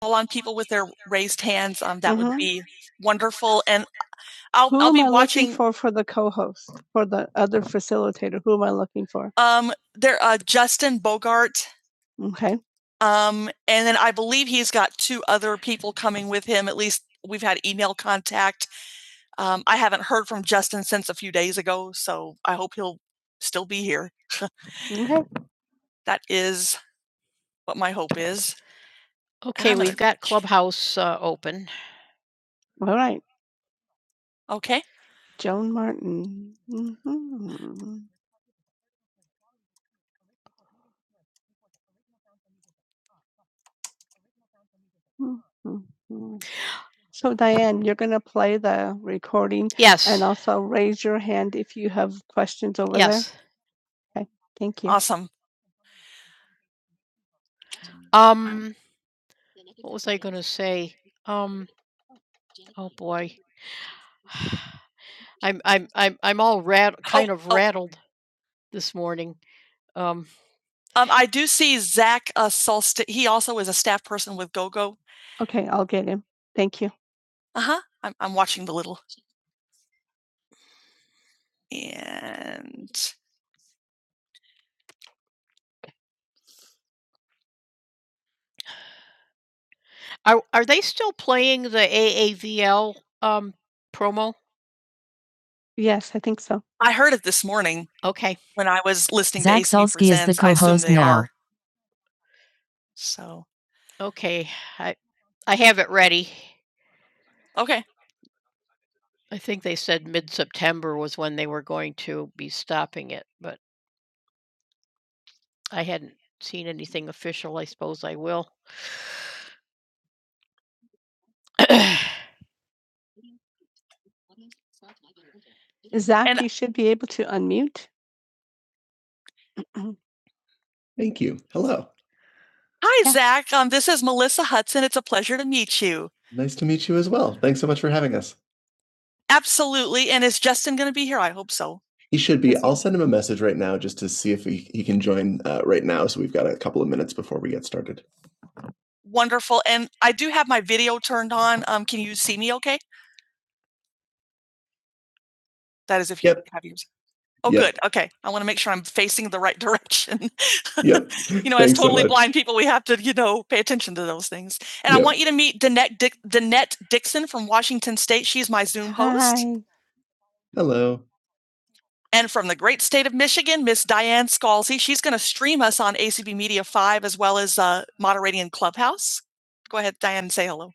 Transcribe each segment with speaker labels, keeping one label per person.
Speaker 1: call on people with their raised hands, um, that mm-hmm. would Mhm. be wonderful. And I'll, Who I'll am be am I watching. looking for for the co-host for the other facilitator? Who am I looking for? Um, there, uh, Justin Bogart. Okay. Um, and then I believe he's got two other people coming with him. At least we've had email contact. Um, I haven't heard from Justin since a few days ago, so I hope he'll still be here. Okay. That is what my hope is. All right. Okay. Joan Martin. Mhm. Mhm. So, Diane, you're going to play the recording. Also, raise your hand if you have questions. Okay, thank you. Awesome. Um, I do see Zach uh, Solsti. He also is a staff person with GoGo. Okay, I'll get him. Thank you. Uh huh. I'm, I'm watching the little. And Yes, I think so. I heard it this morning when I was listening Zach to ACB Solsky Presents. is the co-host now. are. So, okay. Zach, And- you should be able to unmute. Mhm. Thank you. Hello. Hi, Yeah. Zach. Um, this is Melissa Hudson. It's a pleasure to meet you. Nice to meet you as well. Thanks so much for having us. Absolutely. And is Justin going to be here? I hope so. He should be. Yes. I'll send him a message right now just to see if he, he can join uh, right now. So we've got a couple of minutes before we get started. Wonderful. And I do have my video turned on. Um, can you see me okay? That is if you Yep. have yours. Oh, Yeah. good. Okay. I want to make sure I'm facing the right direction. Yep. you know, as Thanks so totally much. blind people, we have to, you know, pay attention to those things. And yep. I Yeah. want you to meet Danette, Dick Danette Dixon from Washington State. She's my Zoom host. Hi. Hello. And from the great state of Michigan, Miss Diane Scalzi. She's going to stream us on ACB Media 5 as well as uh, moderating in Clubhouse. Go ahead, Diane, and say hello.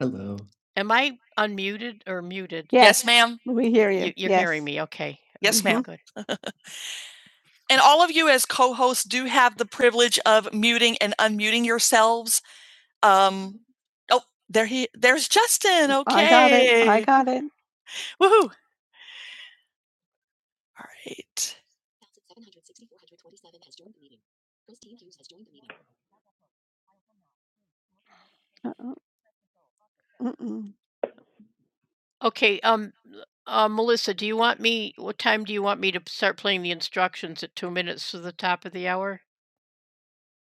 Speaker 1: Hello. Yes, yes ma'am. we hear you. And all of you as co-hosts do have the privilege of muting and unmuting yourselves Um, oh, there he there's Justin, I got it. I okay. got it. Woohoo. All right. Uh-oh. Mm-mm.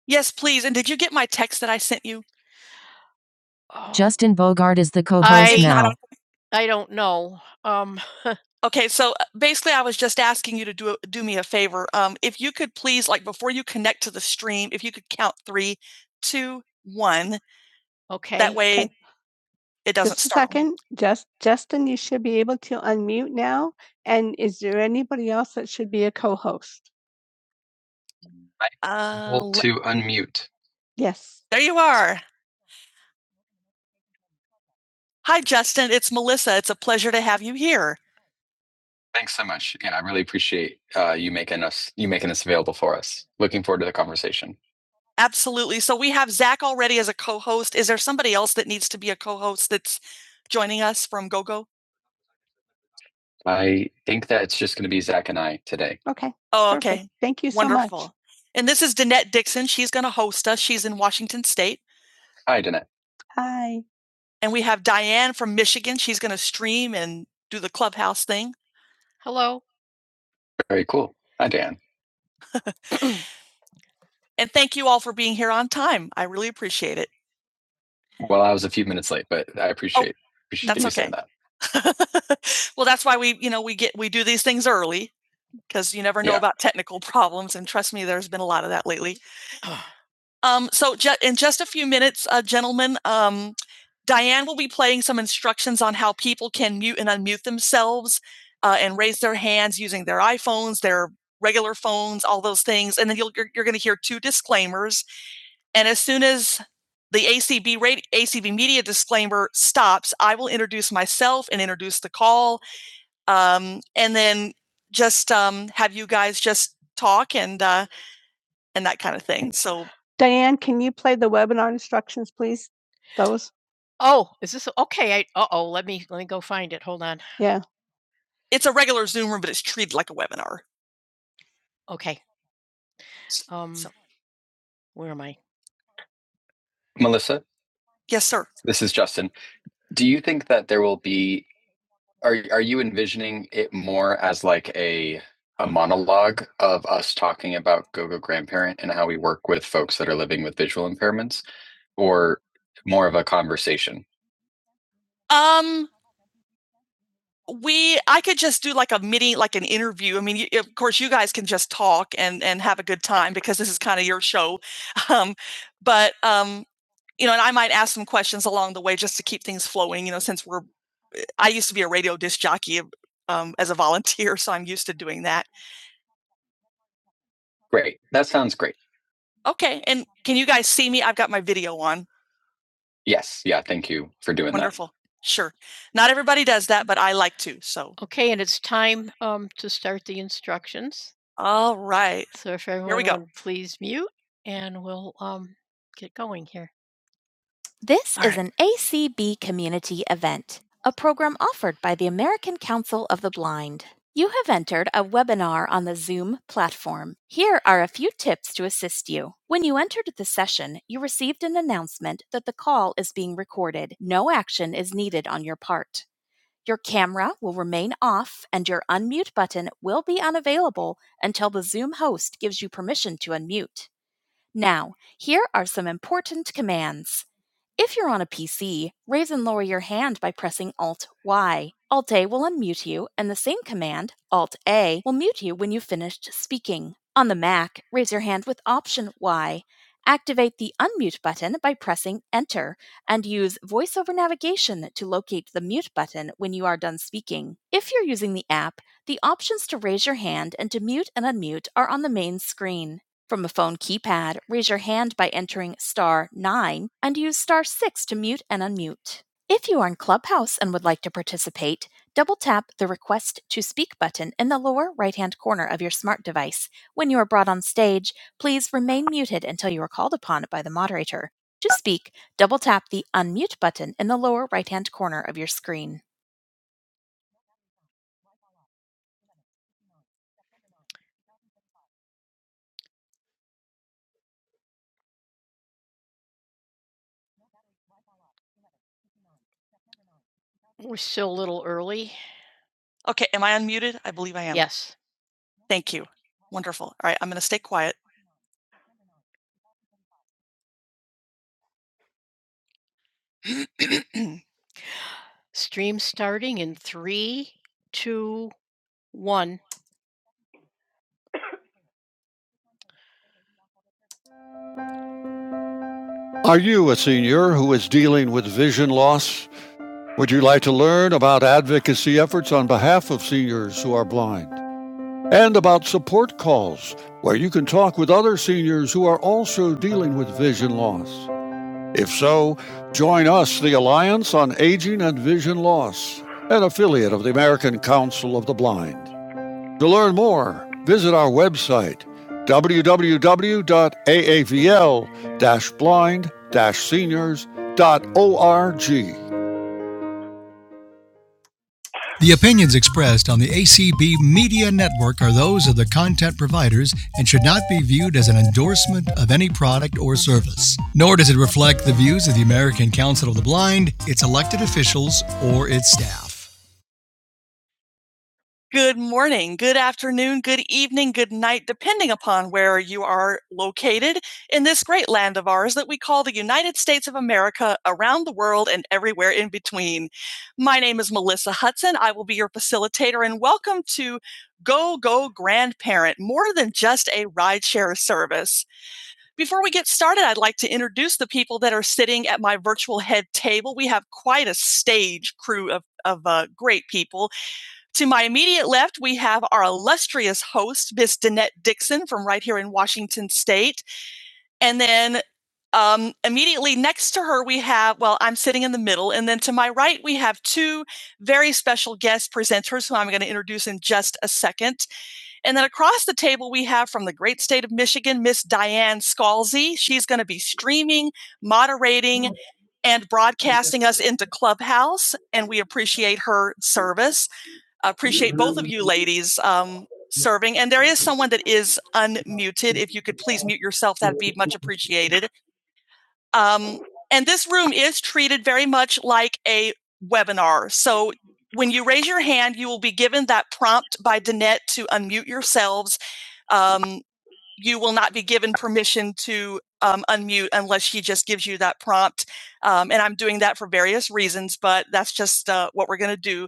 Speaker 1: Yes, please. And did you get my text that I sent you? Justin Bogard is the co now. don't- Okay, so uh, basically, I was just asking you to do a- do me a favor. Um, if you could please, like, before you connect to the stream, if you could count three, two, one. Way It doesn't Just a start. second. Just Justin, you should be able to unmute now. And is there anybody else that should be a co-host? Uh, Hold to unmute. Yes. there you are. Hi, Justin. It's Melissa. It's a pleasure to have you here. Thanks so much. Again, I really appreciate uh, you making us you making this available for us. Looking forward to the conversation. Absolutely. So we have Zach already as a co-host. Is there somebody else that needs to be a co-host that's joining us from GoGo? I think that's just going to be Zach and I today. Okay. Oh, perfect. okay. Perfect. Thank you so Wonderful. much. And this is Danette Dixon. She's going to host us. She's in Washington State. Hi, Danette. Hi. And we have Diane from Michigan. She's going to stream and do the clubhouse thing. Very cool. Hi, Dan. And thank you all for being here on time. I really appreciate it. Well, I was a few minutes late, but I appreciate oh, appreciate that's you saying okay. saying that. well, that's why we, you know, we get we do these things early because you never know Yeah. about technical problems. And trust me, there's been a lot of that lately. Um, so, ju- in just a few minutes, uh, gentlemen, um, Diane will be playing some instructions on how people can mute and unmute themselves uh, and raise their hands using their iPhones, their regular phones, all those things. And then you'll, you're, you're going to hear two disclaimers. And as soon as the ACB radio, ACB media disclaimer stops, I will introduce myself and introduce the call um, and then just um, have you guys just talk and uh, and that kind of thing. So Diane, can you play the webinar instructions, please? Those? Yeah. it's a regular Zoom room, but it's treated like a webinar. Melissa, Yes, sir. this is Justin. Do you think that there will be are are you envisioning it more as like a a monologue of us talking about GoGo grandparent and how we work with folks that are living with visual impairments or more of a conversation? Um, we I could just do like a mini like an interview. I mean, y of course, you guys can just talk and and have a good time because this is kinda your show. Um, but, um, you know, and I might ask some questions along the way just to keep things flowing, you know, since we're eh, I used to be a radio disc jockey, um, as a volunteer, so I'm used to doing that. Great. That sounds great. Okay, and can you guys see me? I've got my video on. Yes, yeah, thank you for doing Wonderful. that. Wonderful. Sure. Not everybody does that, but I like to, so, all right. This All is right. an ACB community event, a program offered by the American Council of the Blind. You have entered a webinar on the Zoom platform. Here are a few tips to assist you. When you entered the session, you received an announcement that the call is being recorded. No action is needed on your part. Your camera will remain off and your unmute button will be unavailable until the Zoom host gives you permission to unmute. Now, here are some important commands. If you're on a PC, raise and lower your hand by pressing Alt Y. Alt A will unmute you, and the same command, Alt A, will mute you when you've finished speaking. On the Mac, raise your hand with Option Y. Activate the unmute button by pressing Enter and use voiceover navigation to locate the mute button when you are done speaking. If you're using the app, the options to raise your hand and to mute and unmute are on the main screen. From a phone keypad, raise your hand by entering star 9 and use star 6 to mute and unmute. If you are in Clubhouse and would like to participate, double tap the Request to Speak button in the lower right hand corner of your smart device. When you are brought on stage, please remain muted until you are called upon by the moderator. To speak, double tap the Unmute button in the lower right hand corner of your screen. Okay, am I unmuted? I believe I am. Thank you. Wonderful. All right, I'm going to stay quiet. Are you a senior who is dealing with vision loss? Would you like to learn about advocacy efforts on behalf of seniors who are blind? And about support calls, where you can talk with other seniors who are also dealing with vision loss? If so, join us, the Alliance on Aging and Vision Loss, an affiliate of the American Council of the Blind. To learn more, visit our website www.aavl blind seniors.org. The opinions expressed on the ACB Media Network are those of the content providers and should not be viewed as an endorsement of any product or service. Nor does it reflect the views of the American Council of the Blind, its elected officials, or its staff. Good morning, good afternoon, good evening, good night, depending upon where you are located in this great land of ours that we call the United States of America, around the world, and everywhere in between. My name is Melissa Hudson. I will be your facilitator, and welcome to Go Go Grandparent, more than just a rideshare service. Before we get started, I'd like to introduce the people that are sitting at my virtual head table. We have quite a stage crew of, of uh, great people. To my immediate left, we have our illustrious host, Miss Danette Dixon from right here in Washington State. And then um, immediately next to her, we have, well, I'm sitting in the middle. And then to my right, we have two very special guest presenters who I'm going to introduce in just a second. And then across the table, we have from the great state of Michigan, Miss Diane Scalzi. She's going to be streaming, moderating, and broadcasting us into Clubhouse, and we appreciate her service. I appreciate both of you ladies um, serving. And there is someone that is unmuted. If you could please mute yourself, that'd be much appreciated. Um, and this room is treated very much like a webinar. So when you raise your hand, you will be given that prompt by Danette to unmute yourselves. Um, you will not be given permission to um, unmute unless she just gives you that prompt. Um, and I'm doing that for various reasons, but that's just uh, what we're going to do.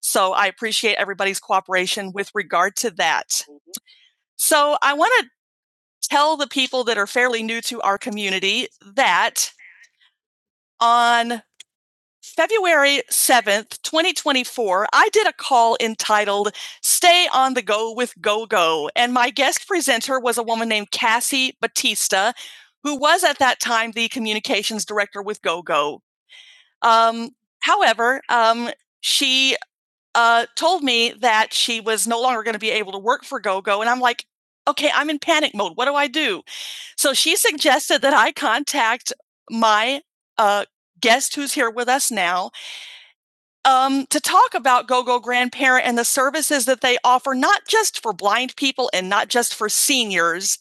Speaker 1: So I appreciate everybody's cooperation with regard to that. So I want to tell the people that are fairly new to our community that on February 7th, 2024, I did a call entitled Stay on the Go with Go Go. And my guest presenter was a woman named Cassie Batista, who was at that time the communications director with Go Go. Um, however, um, she uh, told me that she was no longer going to be able to work for Go Go. And I'm like, okay, I'm in panic mode. What do I do? So she suggested that I contact my uh, guest who's here with us now um, to talk about GoGo Grandparent and the services that they offer, not just for blind people and not just for seniors,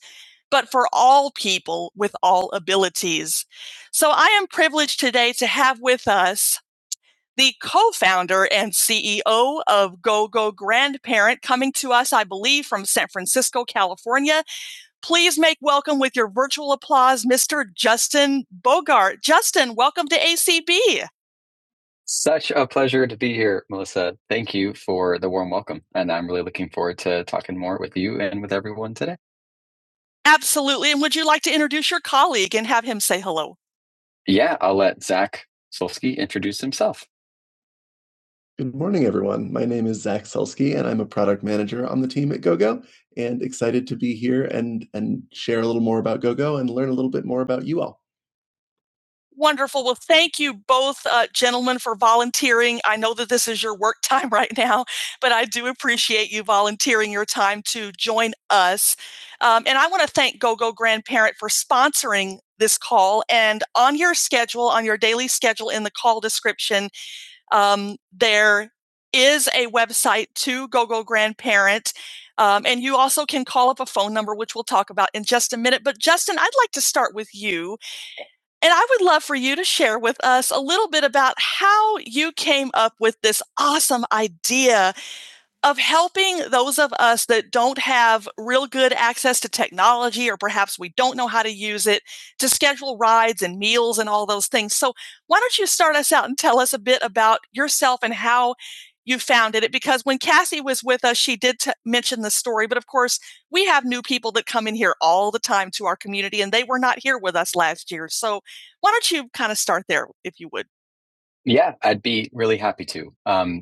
Speaker 1: but for all people with all abilities. So I am privileged today to have with us the co founder and CEO of GoGo Grandparent, coming to us, I believe, from San Francisco, California. Please make welcome with your virtual applause, Mr. Justin Bogart. Justin, welcome to ACB. Such a pleasure to be here, Melissa. Thank you for the warm welcome. And I'm really looking forward to talking more with you and with everyone today. Absolutely. And would you like to introduce your colleague and have him say hello? Yeah, I'll let Zach Solsky introduce himself. Good morning, everyone. My name is Zach Solsky, and I'm a product manager on the team at GoGo, and excited to be here and and share a little more about GoGo and learn a little bit more about you all. Wonderful. Well, thank you both, uh, gentlemen, for volunteering. I know that this is your work time right now, but I do appreciate you volunteering your time to join us. Um, and I want to thank GoGo Grandparent for sponsoring this call. And on your schedule, on your daily schedule in the call description, um, there is a website to GoGo Grandparent. Um, and you also can call up a phone number, which we'll talk about in just a minute. But Justin, I'd like to start with you. And I would love for you to share with us a little bit about how you came up with this awesome idea of helping those of us that don't have real good access to technology or perhaps we don't know how to use it to schedule rides and meals and all those things. So, why don't you start us out and tell us a bit about yourself and how you founded it? Because when Cassie was with us, she did t- mention the story, but of course, we have new people that come in here all the time to our community and they were not here with us last year. So, why don't you kind of start there if you would? Yeah, I'd be really happy to. Um,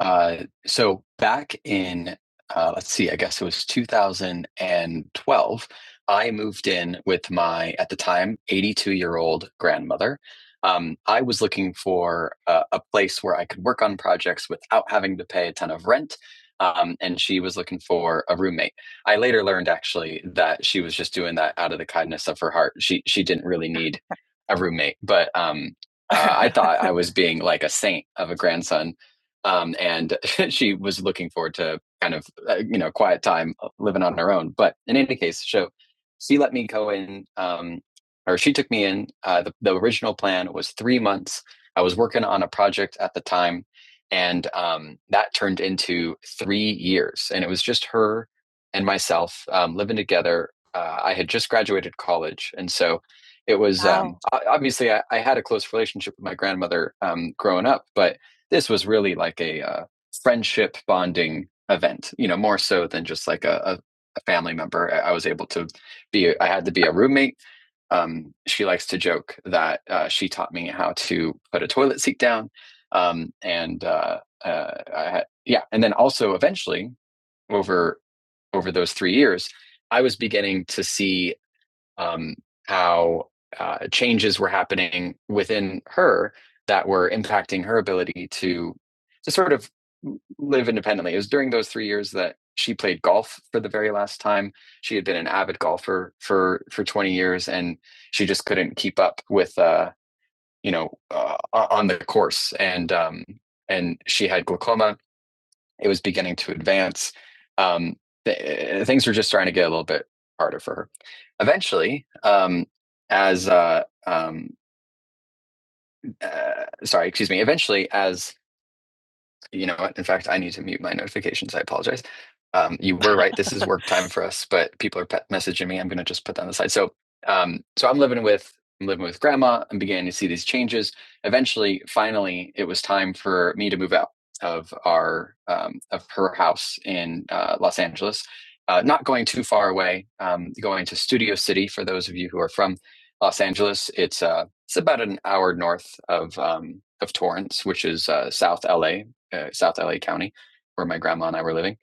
Speaker 1: uh, so back in uh, let's see, I guess it was 2012. I moved in with my at the time 82 year old grandmother. Um, I was looking for a, a place where I could work on projects without having to pay a ton of rent. Um, and she was looking for a roommate. I later learned actually that she was just doing that out of the kindness of her heart. She she didn't really need a roommate, but um, uh, I thought I was being like a saint of a grandson um, and she was looking forward to kind of uh, you know quiet time uh, living on her own. But in any case, so she let me go in, um, or she took me in. Uh, the, the original plan was three months. I was working on a project at the time, and um, that turned into three years. And it was just her and myself um, living together. Uh, I had just graduated college, and so it was um, Wow. o- obviously I, I had a close relationship with my grandmother um, growing up, but this was really like a uh, friendship bonding event, you know, more so than just like a, a, family member. I, I was able to be, I had to be a roommate. Um, she likes to joke that uh, she taught me how to put a toilet seat down. Um, and uh, uh, I had, yeah, and then also eventually over over those three years, I was beginning to see um, how uh, changes were happening within her that were impacting her ability to to sort of live independently. It was during those three years that she played golf for the very last time. She had been an avid golfer for for 20 years, and she just couldn't keep up with uh, you know uh, on the course. And um, and she had glaucoma, it was beginning to advance. Um, th- things were just starting to get a little bit harder for her. Eventually, um, as uh, um, uh, sorry, excuse me. Eventually, as you know what? In fact, I need to mute my notifications. I apologize. Um, you were right. This is work time for us, but people are pet messaging me. I'm going to just put that on the side. So, um, so I'm living with I'm living with grandma. I'm beginning to see these changes. Eventually, finally, it was time for me to move out of our um, of her house in uh, Los Angeles. Uh, not going too far away. Um, going to Studio City for those of you who are from Los Angeles. It's uh, it's about an hour north of um, of Torrance, which is uh, South LA, uh, South LA County, where my grandma and I were living.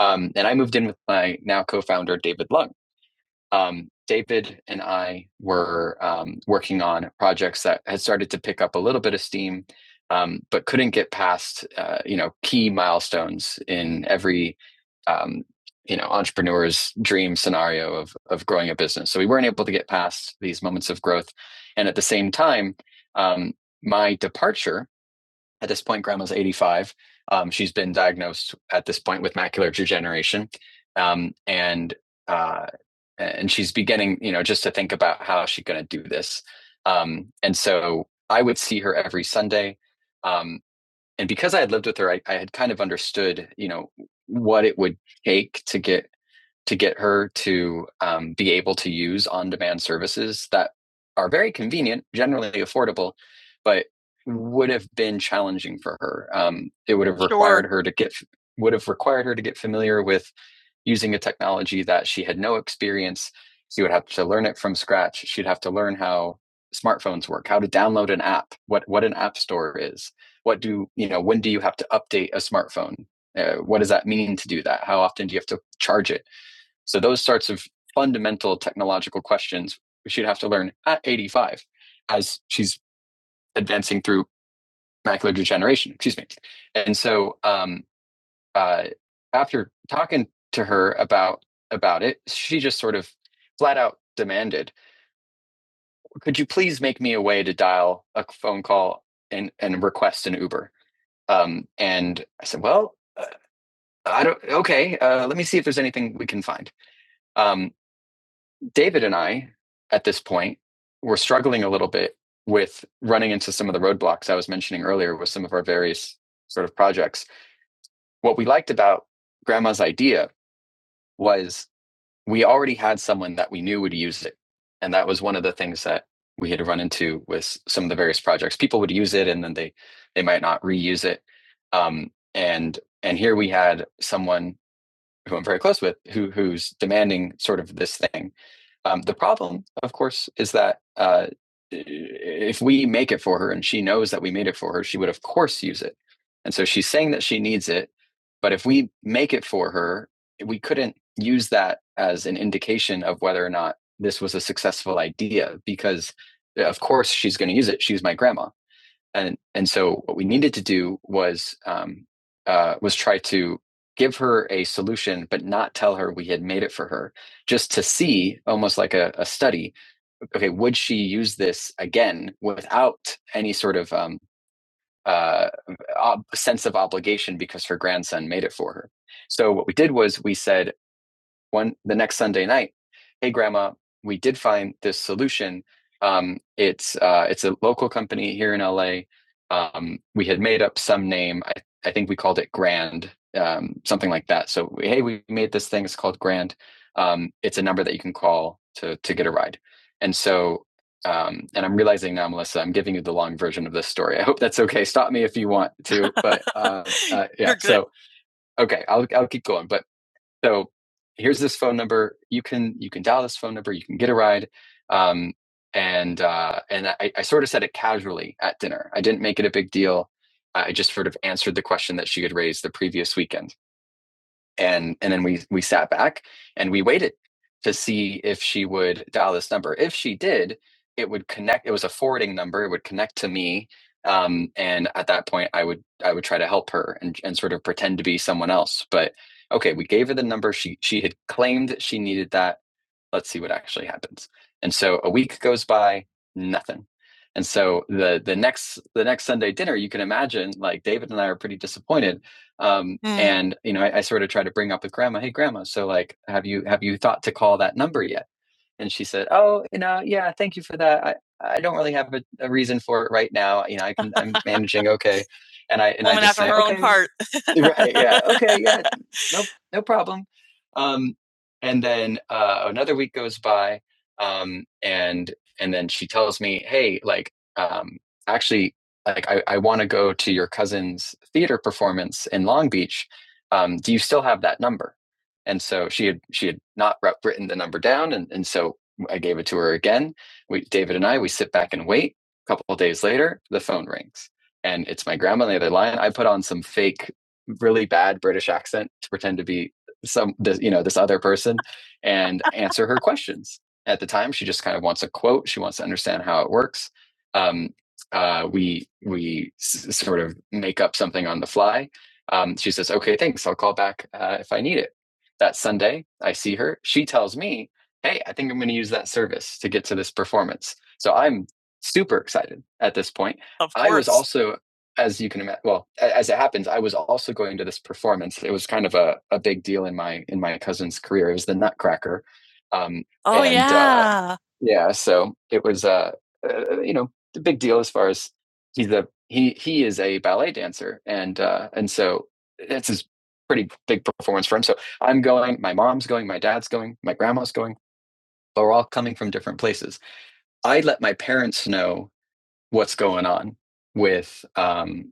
Speaker 1: Um, and I moved in with my now co-founder David Lung. Um, David and I were um, working on projects that had started to pick up a little bit of steam, um, but couldn't get past uh, you know key milestones in every um, you know entrepreneur's dream scenario of of growing a business. So we weren't able to get past these moments of growth, and at the same time, um, my departure at this point, grandma's 85. Um, she's been diagnosed at this point with macular degeneration. Um, and uh, and she's beginning, you know, just to think about how she's going to do this. Um, and so I would see her every Sunday. Um, and because I had lived with her, I, I had kind of understood, you know, what it would take to get to get her to um, be able to use on-demand services that are very convenient, generally affordable, but would have been challenging for her. Um, it would have Sure. required sure. her to get would have required her to get familiar with using a technology that she had no experience. She would have to learn it from scratch. She'd have to learn how smartphones work, how to download an app, what what an app store is, what do you know when do you have to update a smartphone uh, what does that mean to do that how often do you have to charge it so those sorts of fundamental technological questions she'd have to learn at 85 as she's advancing through macular degeneration excuse me and so um, uh, after talking to her about about it she just sort of flat out demanded could you please make me a way to dial a phone call and and request an uber um, and i said well uh, I don't. Okay, uh, let me see if there's anything we can find. Um, David and I, at this point, were struggling a little bit with running into some of the roadblocks I was mentioning earlier with some of our various sort of projects. What we liked about Grandma's idea was we already had someone that we knew would use it, and that was one of the things that we had run into with some of the various projects. People would use it, and then they they might not reuse it. Um, and and here we had someone who I'm very close with, who who's demanding sort of this thing. Um, the problem, of course, is that uh, if we make it for her and she knows that we made it for her, she would of course use it. And so she's saying that she needs it, but if we make it for her, we couldn't use that as an indication of whether or not this was a successful idea because of course she's going to use it. She's my grandma and and so what we needed to do was um, uh, was try to give her a solution, but not tell her we had made it for her, just to see, almost like a, a study. Okay, would she use this again without any sort of um, uh, ob- sense of obligation because her grandson made it for her? So what we did was we said, one the next Sunday night, hey grandma, we did find this solution. Um, it's uh, it's a local company here in LA. Um, we had made up some name. I, I think we called it Grand, um, something like that. So hey, we made this thing. It's called Grand. Um, it's a number that you can call to to get a ride. And so um, and I'm realizing now, Melissa, I'm giving you the long version of this story. I hope that's okay. Stop me if you want to, but uh, uh, yeah. So okay, I'll I'll keep going. But so here's this phone number. You can you can dial this phone number. You can get a ride. Um, and uh, and I, I sort of said it casually at dinner. I didn't make it a big deal. I I just sort of answered the question that she had raised the previous weekend and and then we we sat back and we waited to see if she would dial this number if she did it would connect it was a forwarding number it would connect to me um, and at that point i would i would try to help her and, and sort of pretend to be someone else but okay we gave her the number she she had claimed that she needed that let's see what actually happens. And so a week goes by, nothing. And so the the next the next Sunday dinner, you can imagine, like David and I are pretty disappointed. Um, Mm. and you know, I, I sort of try to bring up with Grandma, hey Grandma, so like, have you have you thought to call that number yet? And she said, "Oh, you know, yeah, thank you for that. I I don't really have a a reason for it right now. You know, I can I'm managing okay." And I and Woman I just after say, her own "Okay." own heart. Right, yeah. "Okay, yeah. no no problem." Um, and then, uh, another week goes by, um, and and then she tells me, "Hey, like, um, actually, like, I I wanna go to your cousin's theater performance in Long Beach. Um, do you still have that number?" and so she had she had not written the number down and, and so i gave it to her again we david and i we sit back and wait a couple of days later the phone rings and it's my grandma on the other line i put on some fake really bad british accent to pretend to be some you know this other person and answer her questions at the time she just kind of wants a quote she wants to understand how it works um, uh, we we s- sort of make up something on the fly um, she says okay thanks i'll call back uh, if i need it that Sunday, I see her. She tells me, Hey, I think I'm going to use that service to get to this performance. So I'm super excited at this point. Of course. I was also, as you can imagine, well, as it happens, I was also going to this performance. It was kind of a, a big deal in my in my cousin's career. It was the Nutcracker, um, Oh and uh, yeah. Uh, yeah, so it was uh, uh, you know, a big deal as far as he's a he he is a ballet dancer, and uh, and so it's his pretty big performance for him. So I'm going, my mom's going, my dad's going, my grandma's going, but we're all coming from different places. I let my parents know what's going on with um,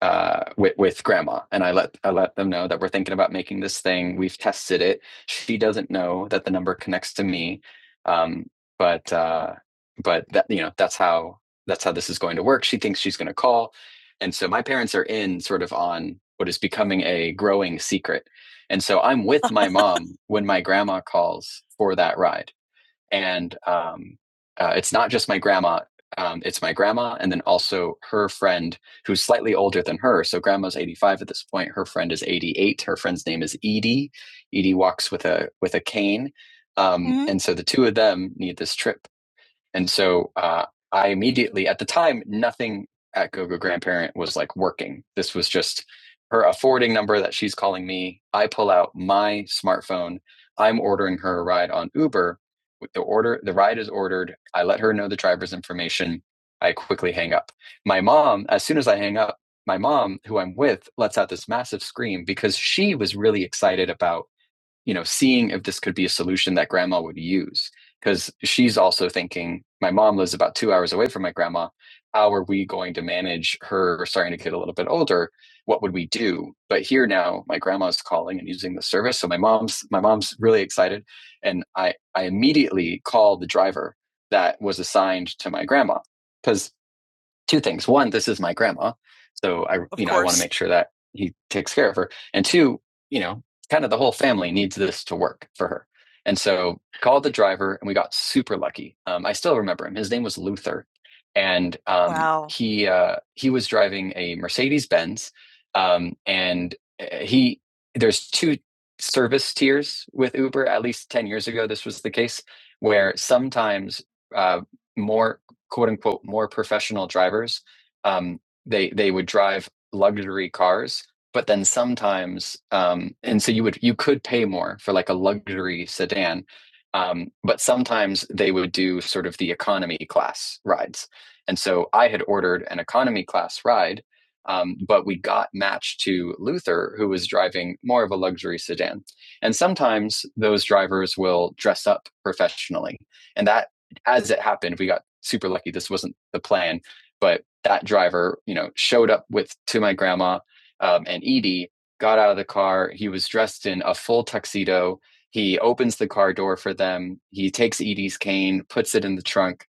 Speaker 1: uh, with with grandma, and I let I let them know that we're thinking about making this thing. We've tested it. She doesn't know that the number connects to me, um, but uh, but that you know that's how that's how this is going to work. She thinks she's going to call, and so my parents are in sort of on what is becoming a growing secret, and so I'm with my mom when my grandma calls for that ride and um, uh, it's not just my grandma. Um, it's my grandma, and then also her friend who's slightly older than her. So grandma's 85 at this point. Her friend is 88. Her friend's name is Edie. Edie walks with a with a cane, um, Mhm. and so the two of them need this trip and so uh, I immediately, at the time, nothing at GoGo Grandparent was like working. This was just her a forwarding number that she's calling me. I pull out my smartphone. I'm ordering her a ride on Uber. The order, the ride is ordered. I let her know the driver's information. I quickly hang up. My mom, as soon as I hang up, my mom, who I'm with, lets out this massive scream because she was really excited about you know seeing if this could be a solution that grandma would use because she's also thinking my mom lives about two hours away from my grandma how are we going to manage her starting to get a little bit older what would we do but here now my grandma's calling and using the service so my mom's my mom's really excited and i i immediately called the driver that was assigned to my grandma because two things. One, this is my grandma, so I you know I want to make sure that he takes care of her. And two, you know, kind of the whole family needs this to work for her. And so called the driver, and we got super lucky. Um, I still remember him. His name was Luther, and um, Wow. he uh, he was driving a Mercedes Benz, um, and uh, he there's two service tiers with Uber. At least ten years ago, this was the case where sometimes uh, more quote unquote more professional drivers um, they they would drive luxury cars but then sometimes um, and so you would you could pay more for like a luxury sedan um, but sometimes they would do sort of the economy class rides and so i had ordered an economy class ride um, but we got matched to luther who was driving more of a luxury sedan and sometimes those drivers will dress up professionally and that as it happened, we got super lucky. This wasn't the plan, but that driver, you know, showed up with to my grandma um, and Edie. Got out of the car. He was dressed in a full tuxedo. He opens the car door for them. He takes Edie's cane, puts it in the trunk,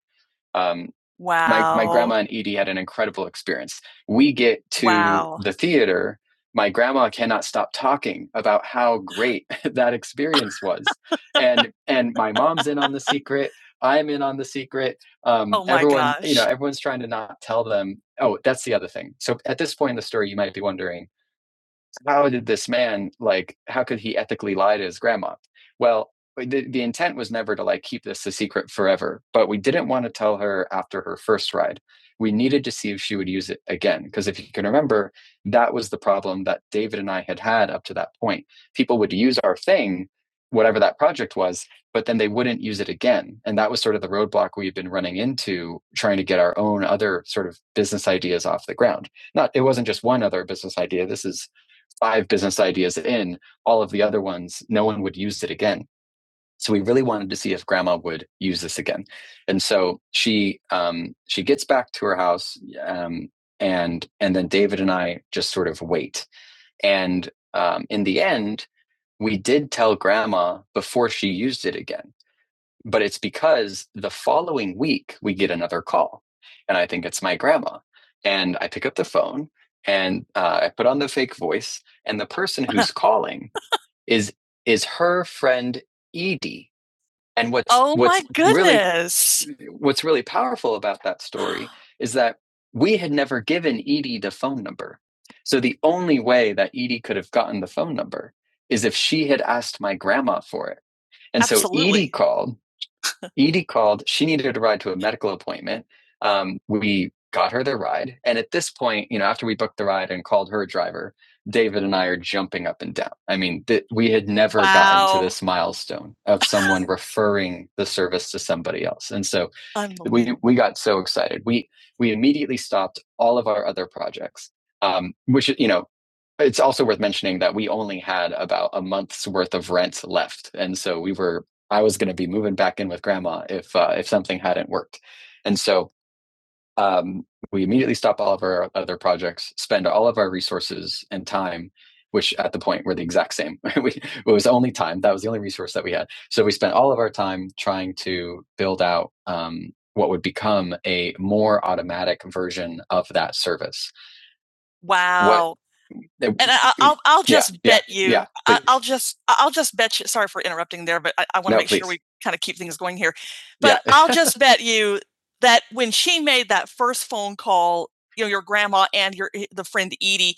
Speaker 1: um, wow. my my Wow. grandma and Edie had an incredible experience. We get to Wow. the theater, my grandma cannot stop talking about how great that experience was, and and my mom's in on the secret, I'm in on the secret, um, Oh my everyone, gosh. you know, everyone's trying to not tell them Oh, that's the other thing. So at this point in the story, you might be wondering how did this man like how could he ethically lie to his grandma well the, the intent was never to like keep this a secret forever but we didn't want to tell her after her first ride we needed to see if she would use it again because if you can remember that was the problem that david and i had had up to that point people would use our thing whatever that project was but then they wouldn't use it again and that was sort of the roadblock we've been running into trying to get our own other sort of business ideas off the ground not it wasn't just one other business idea this is five business ideas in, all of the other ones, no one would use it again. So we really wanted to see if grandma would use this again. And so she um, she gets back to her house um, and and then David and I just sort of wait. And um, in the end, we did tell grandma before she used it again but it's because the following week we get another call and i think it's my grandma and i pick up the phone and uh, i put on the fake voice and the person who's calling is is her friend edie and what's Oh my what's really goodness. really, what's really powerful about that story is that we had never given edie the phone number so the only way that edie could have gotten the phone number is if she had asked my grandma for it and Absolutely. so edie called Edie called. She needed a ride to a medical appointment. Um, we got her the ride. And at this point, you know, after we booked the ride and called her driver, David and I are jumping up and down. I mean, th- we had never wow. gotten Wow. to this milestone of someone referring the service to somebody else. And so we we got so excited. We we immediately stopped all of our other projects, um, which you know, it's also worth mentioning that we only had about a month's worth of rent left, and so we were I was going to be moving back in with grandma if uh, if something hadn't worked. And so um, we immediately stop all of our other projects, spend all of our resources and time, which at the point were the exact same. we, it was only time that was the only resource that we had. So we spent all of our time trying to build out um, what would become a more automatic version of that service. Wow. What, and I, I'll I'll just yeah, bet yeah, you. yeah, I, I'll just I'll just bet you. Sorry for interrupting there, but I, I want to No, make please. sure we kind of keep things going here. But Yeah. I'll just bet you that when she made that first phone call, you know, your grandma and your eh, the friend Edie,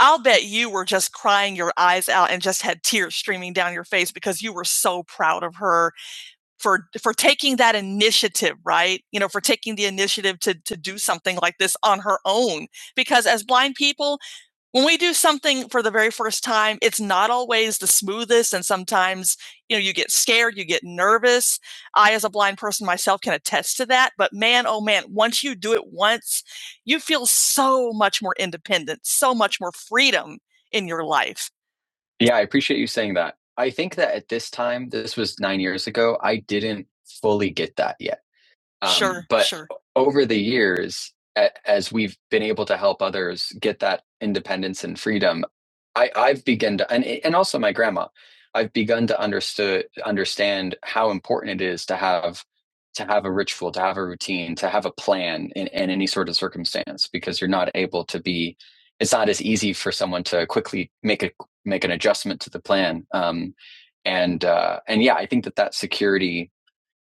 Speaker 1: I'll bet you were just crying your eyes out and just had tears streaming down your face because you were so proud of her for for taking that initiative, right? You know, for taking the initiative to to do something like this on her own. Because as blind people, when we do something for the very first time, it's not always the smoothest. And sometimes, you know, you get scared, you get nervous. I, as a blind person myself, can attest to that. But man, oh man, once you do it once, you feel so much more independent, so much more freedom in your life. Yeah, I appreciate you saying that. I think that at this time, this was nine years ago, I didn't fully get that yet. Um, Sure, But sure. over the years, a- as we've been able to help others get that independence and freedom, I, I've begun to, and, eh, and also my grandma, I've begun to understood, understand how important it is to have to have a ritual, to have a routine, to have a plan in, in any sort of circumstance, because you're not able to be. It's not as easy for someone to quickly make a make an adjustment to the plan. Um, and uh, and yeah, I think that that security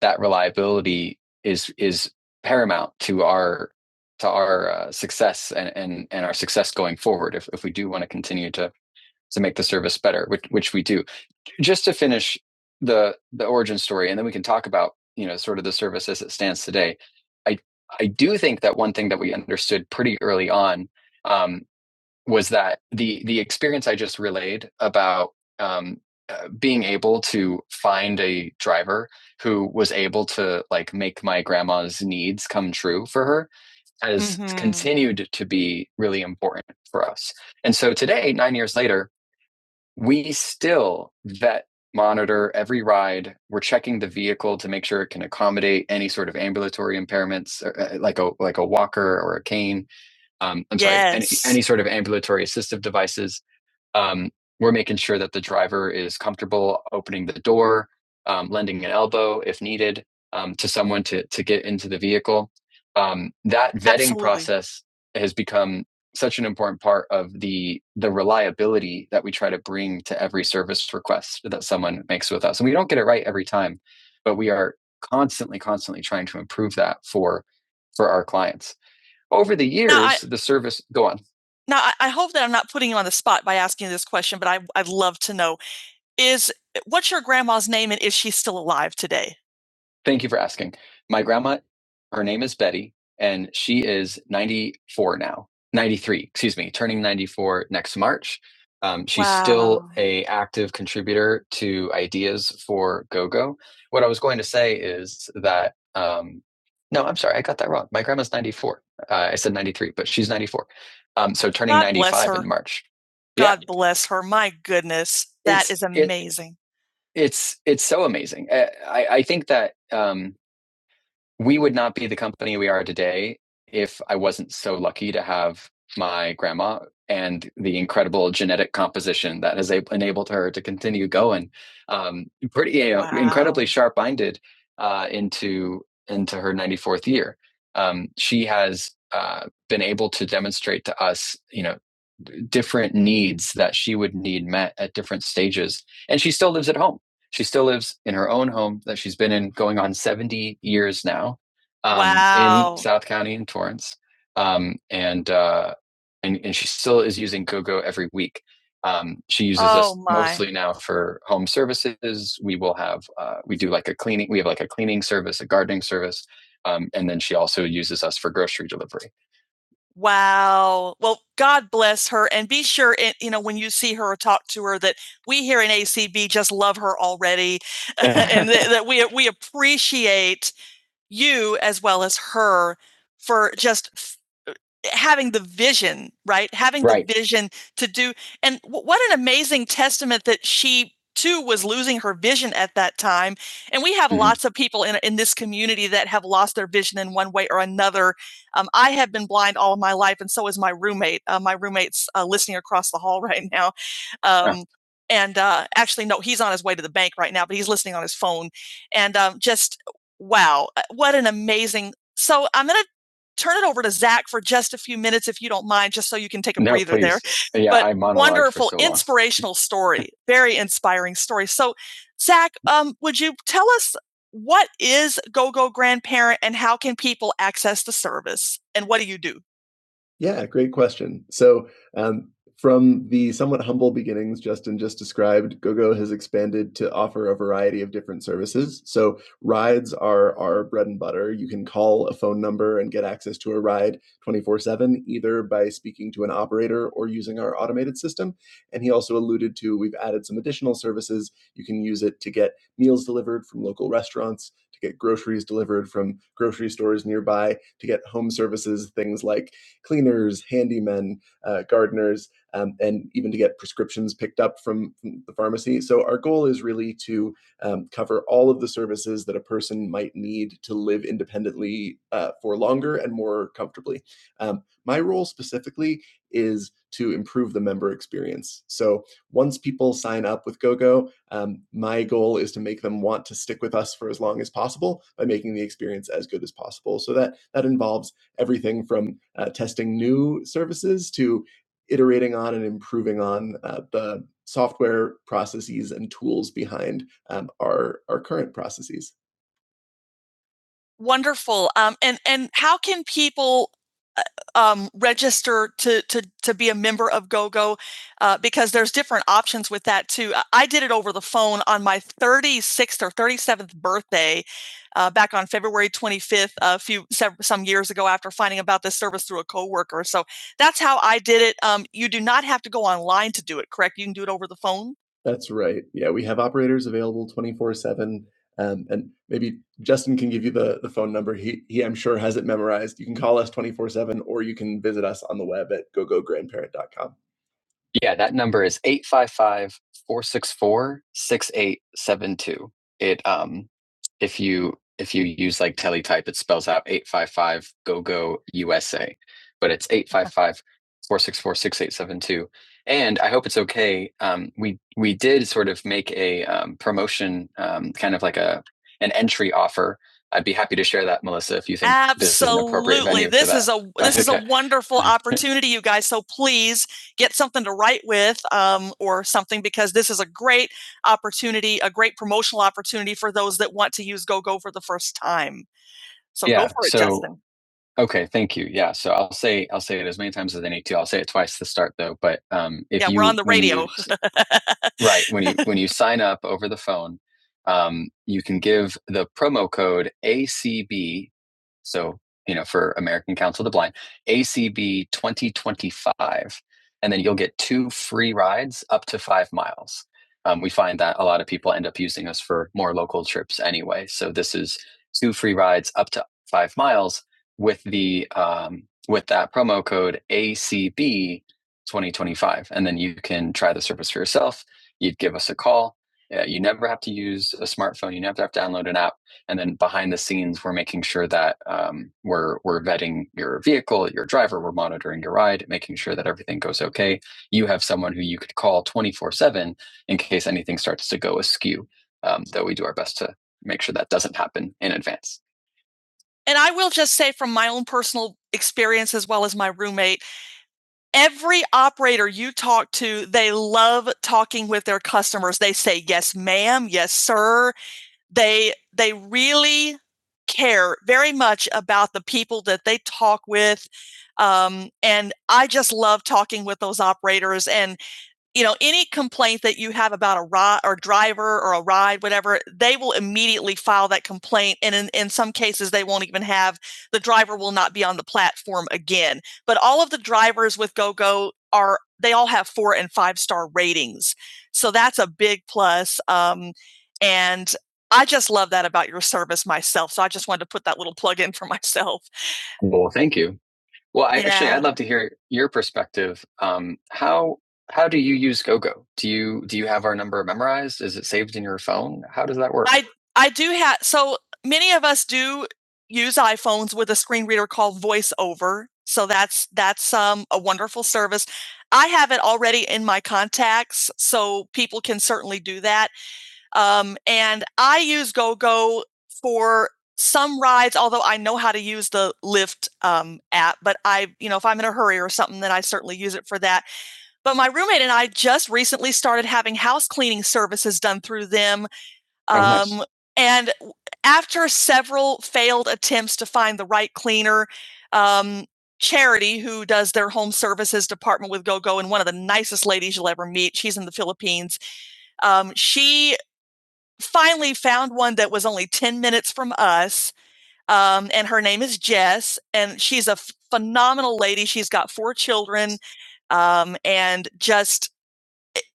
Speaker 1: that reliability is is paramount to our to our uh, success and, and and our success going forward if, if we do want to continue to to make the service better which which we do just to finish the the origin story and then we can talk about you know sort of the service as it stands today i i do think that one thing that we understood pretty early on um, was that the the experience I just relayed about um, uh, being able to find a driver who was able to like make my grandma's needs come true for her has Mhm. continued to be really important for us. And so today, nine years later, we still vet monitor every ride. We're checking the vehicle to make sure it can accommodate any sort of ambulatory impairments, or, uh, like a like a walker or a cane um, I'm yes. sorry, any, Yes. any sort of ambulatory assistive devices. Um, we're making sure that the driver is comfortable opening the door, um, lending an elbow if needed um, to someone to, to get into the vehicle. Um, that vetting Absolutely. process has become such an important part of the the reliability that we try to bring to every service request that someone makes with us. And we don't get it right every time, but we are constantly, constantly trying to improve that for for our clients. Over the years, now, I- the service go on. Now, I, I hope that I'm not putting you on the spot by asking this question, but I, I'd love to know: is what's your grandma's name, and is she still alive today? Thank you for asking. My grandma, her name is Betty, and she is 94 now, 93, excuse me, turning 94 next March. Um, she's still Wow. a active contributor to ideas for GoGo. What I was going to say is that um, no, I'm sorry, I got that wrong. My grandma's 94. Uh, I said 93, but she's 94. Um, so turning God bless 95 her. in March. Yeah, God bless her. My goodness. That it's is it amazing it's it's so amazing. Eh, I I think that um, we would not be the company we are today if I wasn't so lucky to have my grandma and the incredible genetic composition that has ab- enabled her to continue going. Um, pretty you know wow. incredibly Wow. sharp minded uh, into into her ninety fourth year. Um, she has uh, been able to demonstrate to us, you know, different needs that she would need met at different stages, and she still lives at home she still lives in her own home that she's been in going on 70 years now um, Wow. in South County in Torrance. Um, and, uh, and, and she still is using GoGo every week. Um, she uses Oh, us my. mostly now for home services. We will have, uh, we do like a cleaning, we have like a cleaning service, a gardening service. Um, and then she also uses us for grocery delivery. Wow. Well, God bless her. And be sure, it, you know, when you see her or talk to her, that we here in ACB just love her already and that, that we, we appreciate you as well as her for just f- uh, having the vision, right? Having Right. the vision to do. And w- what an amazing testament that she too was losing her vision at that time. And we have Mhm. lots of people in, in this community that have lost their vision in one way or another. Um, I have been blind all of my life, and so is my roommate. Uh, my roommate's uh, listening across the hall right now. Um, yeah. And uh, actually, no, he's on his way to the bank right now, but he's listening on his phone. And um, just Wow, uh, what an amazing so I'm gonna turn it over to Zach for just a few minutes, if you don't mind, just so you can take a No, breather please. there. Yeah, but I monologued Wonderful, for so long. inspirational story, very inspiring story. So, Zach, um, would you tell us what is GoGo Grandparent and how can people access the service? And what do you do? Yeah, great question. So, um, from the somewhat humble beginnings Justin just described, GoGo has expanded to offer a variety of different services. So, rides are our bread and butter. You can call a phone number and get access to a ride 24 7, either by speaking to an operator or using our automated system. And he also alluded to we've added some additional services. You can use it to get meals delivered from local restaurants, to get groceries delivered from grocery stores nearby, to get home services, things like cleaners, handymen, uh, gardeners, um, and even to get prescriptions picked up from, from the pharmacy. So our goal is really to um, cover all of the services that a person might need to live independently uh, for longer and more comfortably. Um, my role specifically is to improve the member experience. So once people sign up with GoGo, um, my goal is to make them want to stick with us for as long as possible by making the experience as good as possible. So that that involves everything from uh, testing new services to iterating on and improving on uh, the software processes and tools behind um, our, our current processes. Wonderful. Um, and and how can people uh, um, register to to to be a member of GoGo? Uh, because there's different options with that too. I- did it over the phone on my 36th or 37th birthday, uh, back on February 25th, a few some years ago, after finding about this service through a coworker. So that's how I did it. Um, you do not have to go online to do it, correct? You can do it over the phone. That's right. Yeah, we have operators available 24 7. Um, and maybe Justin can give you the, the phone number. He, he, I'm sure, has it memorized. You can call us 24 7 or you can visit us on the web at go go grandparent dot com. Yeah, that number is 855 464 6872. It um if you if you use like teletype, it spells out 855 go go USA, but it's 855 464 6872. And I hope it's okay. Um, we we did sort of make a um, promotion, um, kind of like a an entry offer. I'd be happy to share that, Melissa, if you think absolutely this is an appropriate Absolutely. venue for that. This is a this okay. is a Okay. wonderful opportunity, you guys. So please get something to write with um, or something because this is a great opportunity, a great promotional opportunity for those that want to use GoGo for the first time. So yeah, go Yeah, for it, so- Justin. Okay, thank you. Yeah, so I'll say I'll say it as many times as I need to. I'll say it twice to start though, but um, if Yeah, we're you on the when radio. s- right when you when you sign up over the phone, um, you can give the promo code ACB, so you know for American Council of the Blind ACB twenty twenty five, and then you'll get two free rides up to five miles. Um, we find that a lot of people end up using us for more local trips anyway. So this is two free rides up to five miles with the um, with that promo code ACB 2025, and then you can try the service for yourself. You'd give us a call. Uh, you never have to use a smartphone. You never have to download an app. And then behind the scenes, we're making sure that um, we're we're vetting your vehicle, your driver. We're monitoring your ride, making sure that everything goes okay. You have someone who you could call 24 seven in case anything starts to go askew. Um, though we do our best to make sure that doesn't happen in advance. And I will just say from my own personal experience, as well as my roommate, every operator you talk to, they love talking with their customers. They say, yes, ma'am, yes, sir. They, they really care very much about the people that they talk with. Um, and I just love talking with those operators and you know, any complaint that you have about a ride or driver or a ride, whatever, they will immediately file that complaint. And in, in some cases, they won't even have the driver will not be on the platform again. But all of the drivers with GoGo are, they all have four and five star ratings. So that's a big plus. Um, and I just love that about your service myself. So I just wanted to put that little plug in for myself. Well, thank you. Well, I actually Yeah. I'd love to hear your perspective. Um, how how do you use GoGo? Do you do you have our number memorized? Is it saved in your phone? How does that work? I I do have so many of us do use iPhones with a screen reader called VoiceOver. So that's that's um, a wonderful service. I have it already in my contacts, so people can certainly do that. Um, and I use GoGo for some rides, although I know how to use the Lyft um, app, but I, you know, if I'm in a hurry or something, then I certainly use it for that. But my roommate and I just recently started having house cleaning services done through them. Um, Oh, nice. Um, and after several failed attempts to find the right cleaner, um, Charity, who does their home services department with GoGo, and one of the nicest ladies you'll ever meet, she's in the Philippines. Um, she finally found one that was only 10 minutes from us. Um, and her name is Jess, and she's a f- phenomenal lady. She's got four children um, and just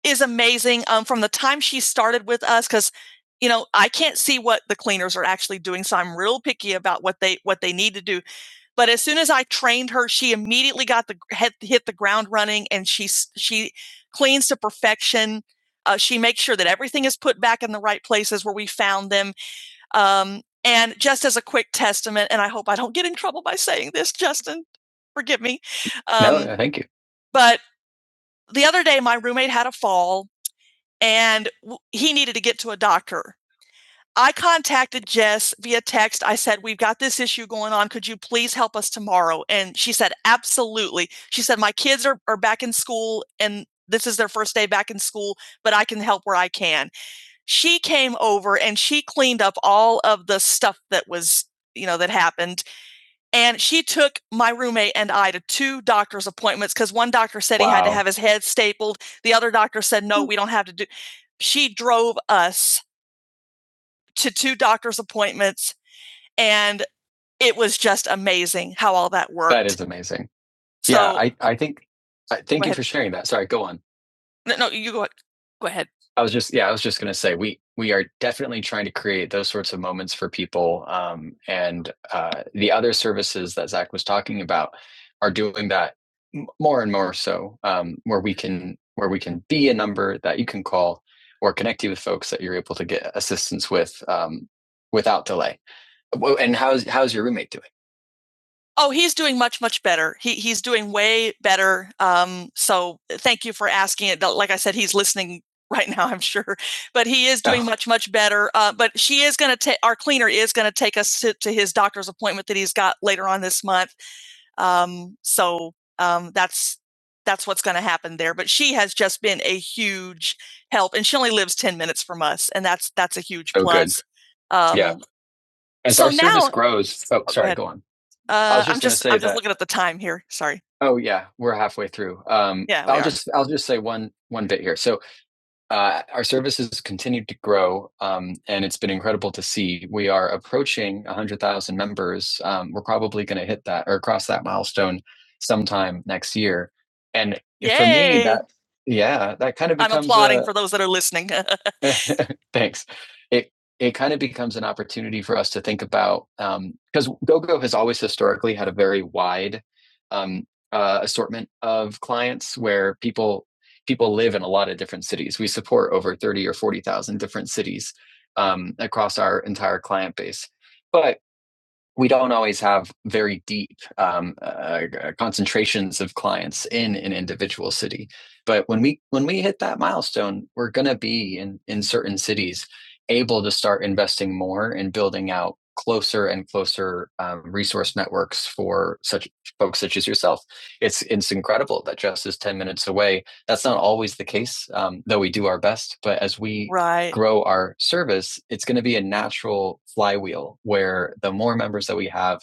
Speaker 1: is amazing um, from the time she started with us because you know i can't see what the cleaners are actually doing so i'm real picky about what they what they need to do but as soon as I trained her, she immediately got the hit, the ground running, and she she cleans to perfection. Uh, she makes sure that everything is put back in the right places where we found them. Um, and just as a quick testament, and I hope I don't get in trouble by saying this, Justin, forgive me. Um, no, thank you. But the other day, my roommate had a fall, and he needed to get to a doctor. I contacted Jess via text. I said, We've got this issue going on. Could you please help us tomorrow? And she said, Absolutely. She said, My kids are, are back in school and this is their first day back in school, but I can help where I can. She came over and she cleaned up all of the stuff that was, you know, that happened. And she took my roommate and I to two doctor's appointments because one doctor said wow. he had to Wow. have his head stapled. The other doctor said, No, we don't have to do. She drove us to two doctor's appointments and it was just amazing how all that worked. That is amazing. So- yeah, I, I think I, thank you for sharing that. Sorry, go on. No, no, you go. ahead. Go ahead. I was just yeah, I was just gonna say we we are definitely trying to create those sorts of moments for people, um, and uh, the other services that Zach was talking about are doing that more and more so, um, where we can where we can be a number that you can call or connect you with folks that you're able to get assistance with um, without delay. Well, And how's how's your roommate doing? Oh, he's doing much, much better. He he's doing way better. Um, so uh, thank you for asking it. Like I said, he's listening right now, I'm sure, but he is doing Oh. much, much better. Uh, but she is going to take our cleaner is going to take us to, to his doctor's appointment that he's got later on this month. Um, so um, that's that's what's going to happen there. But she has just been a huge help, and she only lives ten minutes from us, and that's that's a huge Oh, good. plus. Um, Yeah. As So our service now- service grows, oh, sorry, ahead. go on. I Uh, I'm just gonna just say I'm that, just looking at the time here. Sorry. Oh yeah, we're halfway through. Um, Yeah, I'll are. just are. I'll just say one one bit here. So uh, our services continue to grow, um, and it's been incredible to see. We are approaching 100,000 members. Um, we're probably going to hit that or cross that milestone sometime next year. And for me, Yay! that yeah, that kind of I'm becomes applauding a for those that are listening. Thanks. It it kind of becomes an opportunity for us to think about because GoGo has always historically had a very wide um, uh, assortment of clients where people people live in a lot of different cities. We support over 30 or 40,000 different cities um, across our entire client base. But we don't always have very deep um, uh, uh, concentrations of clients in an individual city. But when we when we hit that milestone, we're going to be in in certain cities able to start investing more and building out closer and closer um, resource networks for such folks such as yourself. It's it's incredible that just is ten minutes away that's not always the case, um, though we do our best. But as we Right. grow our service, it's going to be a natural flywheel where the more members that we have,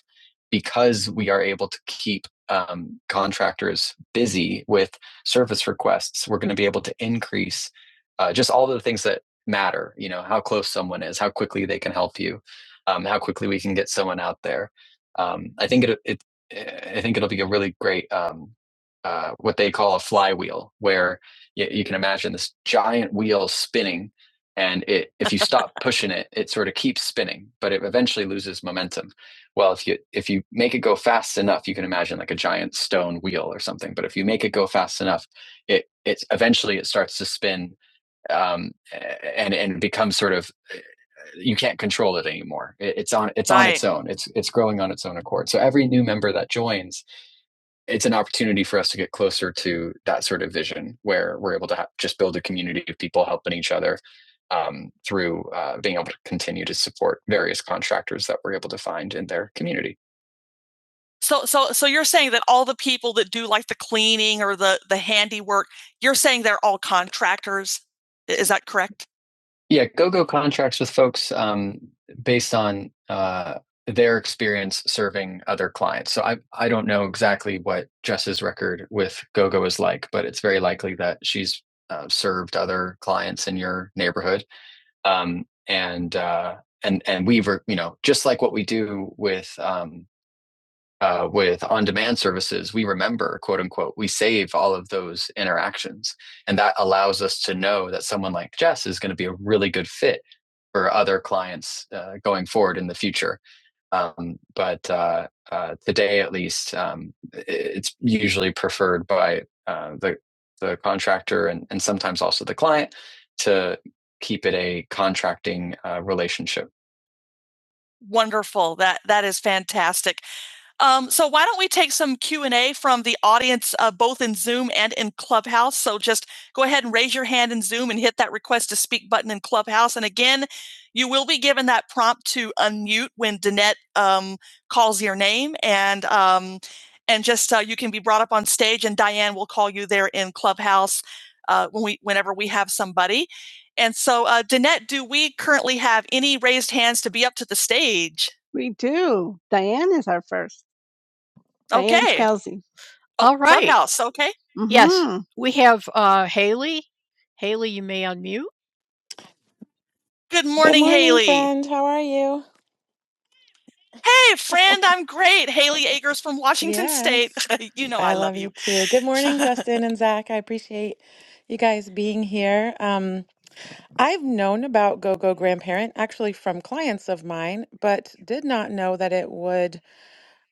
Speaker 1: because we are able to keep um, contractors busy with service requests, we're going to be able to increase uh, just all the things that matter. You know, how close someone is, how quickly they can help you, um, how quickly we can get someone out there. Um, I think it, it eh, I think it'll be a really great um, uh, what they call a flywheel, where you, you can imagine this giant wheel spinning, and it if you stop pushing it, it sort of keeps spinning, but it eventually loses momentum. Well, if you if you make it go fast enough, you can imagine like a giant stone wheel or something. But if you make it go fast enough, it it's eventually it starts to spin um, and and becomes sort of eh, you can't control it anymore. It, it's on it's on Right. its own. It's it's growing on its own accord. So every new member that joins it's an opportunity for us to get closer to that sort of vision where we're able to ha- just build a community of people helping each other um, through uh, being able to continue to support various contractors that we're able to find in their community. So, so, so you're saying that all the people that do like the cleaning or the the handiwork, you're saying they're all contractors. Is that correct? Yeah, go go contracts with folks um, based on uh, their experience serving other clients. So I I don't know exactly what Jess's record with go go is like, but it's very likely that she's uh, served other clients in your neighborhood. Um, and uh, and and we've you know just like what we do with um, uh, with on demand services, we remember, quote unquote, we save all of those interactions. And that allows us to know that someone like Jess is going to be a really good fit for other clients uh, going forward in the future. Um, but uh, uh, today, at least, um, it's usually preferred by uh, the, the contractor and, and sometimes also the client to keep it a contracting uh, relationship. Wonderful. That that is fantastic. Um, so why don't we take some Q and A from the audience, uh, both in Zoom and in Clubhouse? So just go ahead and raise your hand in Zoom and hit that request to speak button in Clubhouse. And again, you will be given that prompt to unmute when Danette um, calls your name, and um, and just uh, you can be brought up on stage, and Diane will call you there in Clubhouse uh, when we whenever we have somebody. And so, uh, Danette, do we currently have any raised hands to be up to the stage? We do. Diane is our first. Diane Okay. Kelsey. Us, okay. Mhm. Good
Speaker 2: Good
Speaker 1: morning,
Speaker 2: morning,
Speaker 1: Haley.
Speaker 2: friend. How are you?
Speaker 1: Hey, friend, I'm great. Haley Ager's from Washington State.
Speaker 2: Yes,
Speaker 1: you know
Speaker 2: I
Speaker 1: I love
Speaker 2: love
Speaker 1: you.
Speaker 2: you too. Good morning, Justin and Zach. I appreciate you guys being here. Um, I've known about Go Go Grandparent actually from clients of mine, but did not know that it would.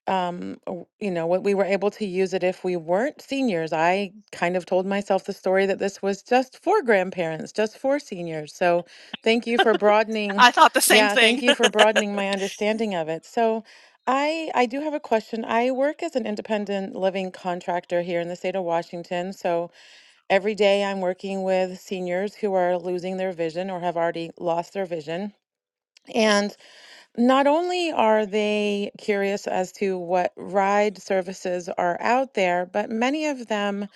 Speaker 2: um w- you know what we were able to use it if we weren't seniors i kind of told myself the story that this was just for grandparents just for seniors so thank you for broadening
Speaker 1: I thought the same
Speaker 2: yeah thank
Speaker 1: thing.
Speaker 2: you for broadening my understanding of it so i i do have a question i work as an independent living contractor here in the state of washington so every day i'm working with seniors who are losing their vision or have already lost their vision and not only are they curious as to what ride services are out there, but many of them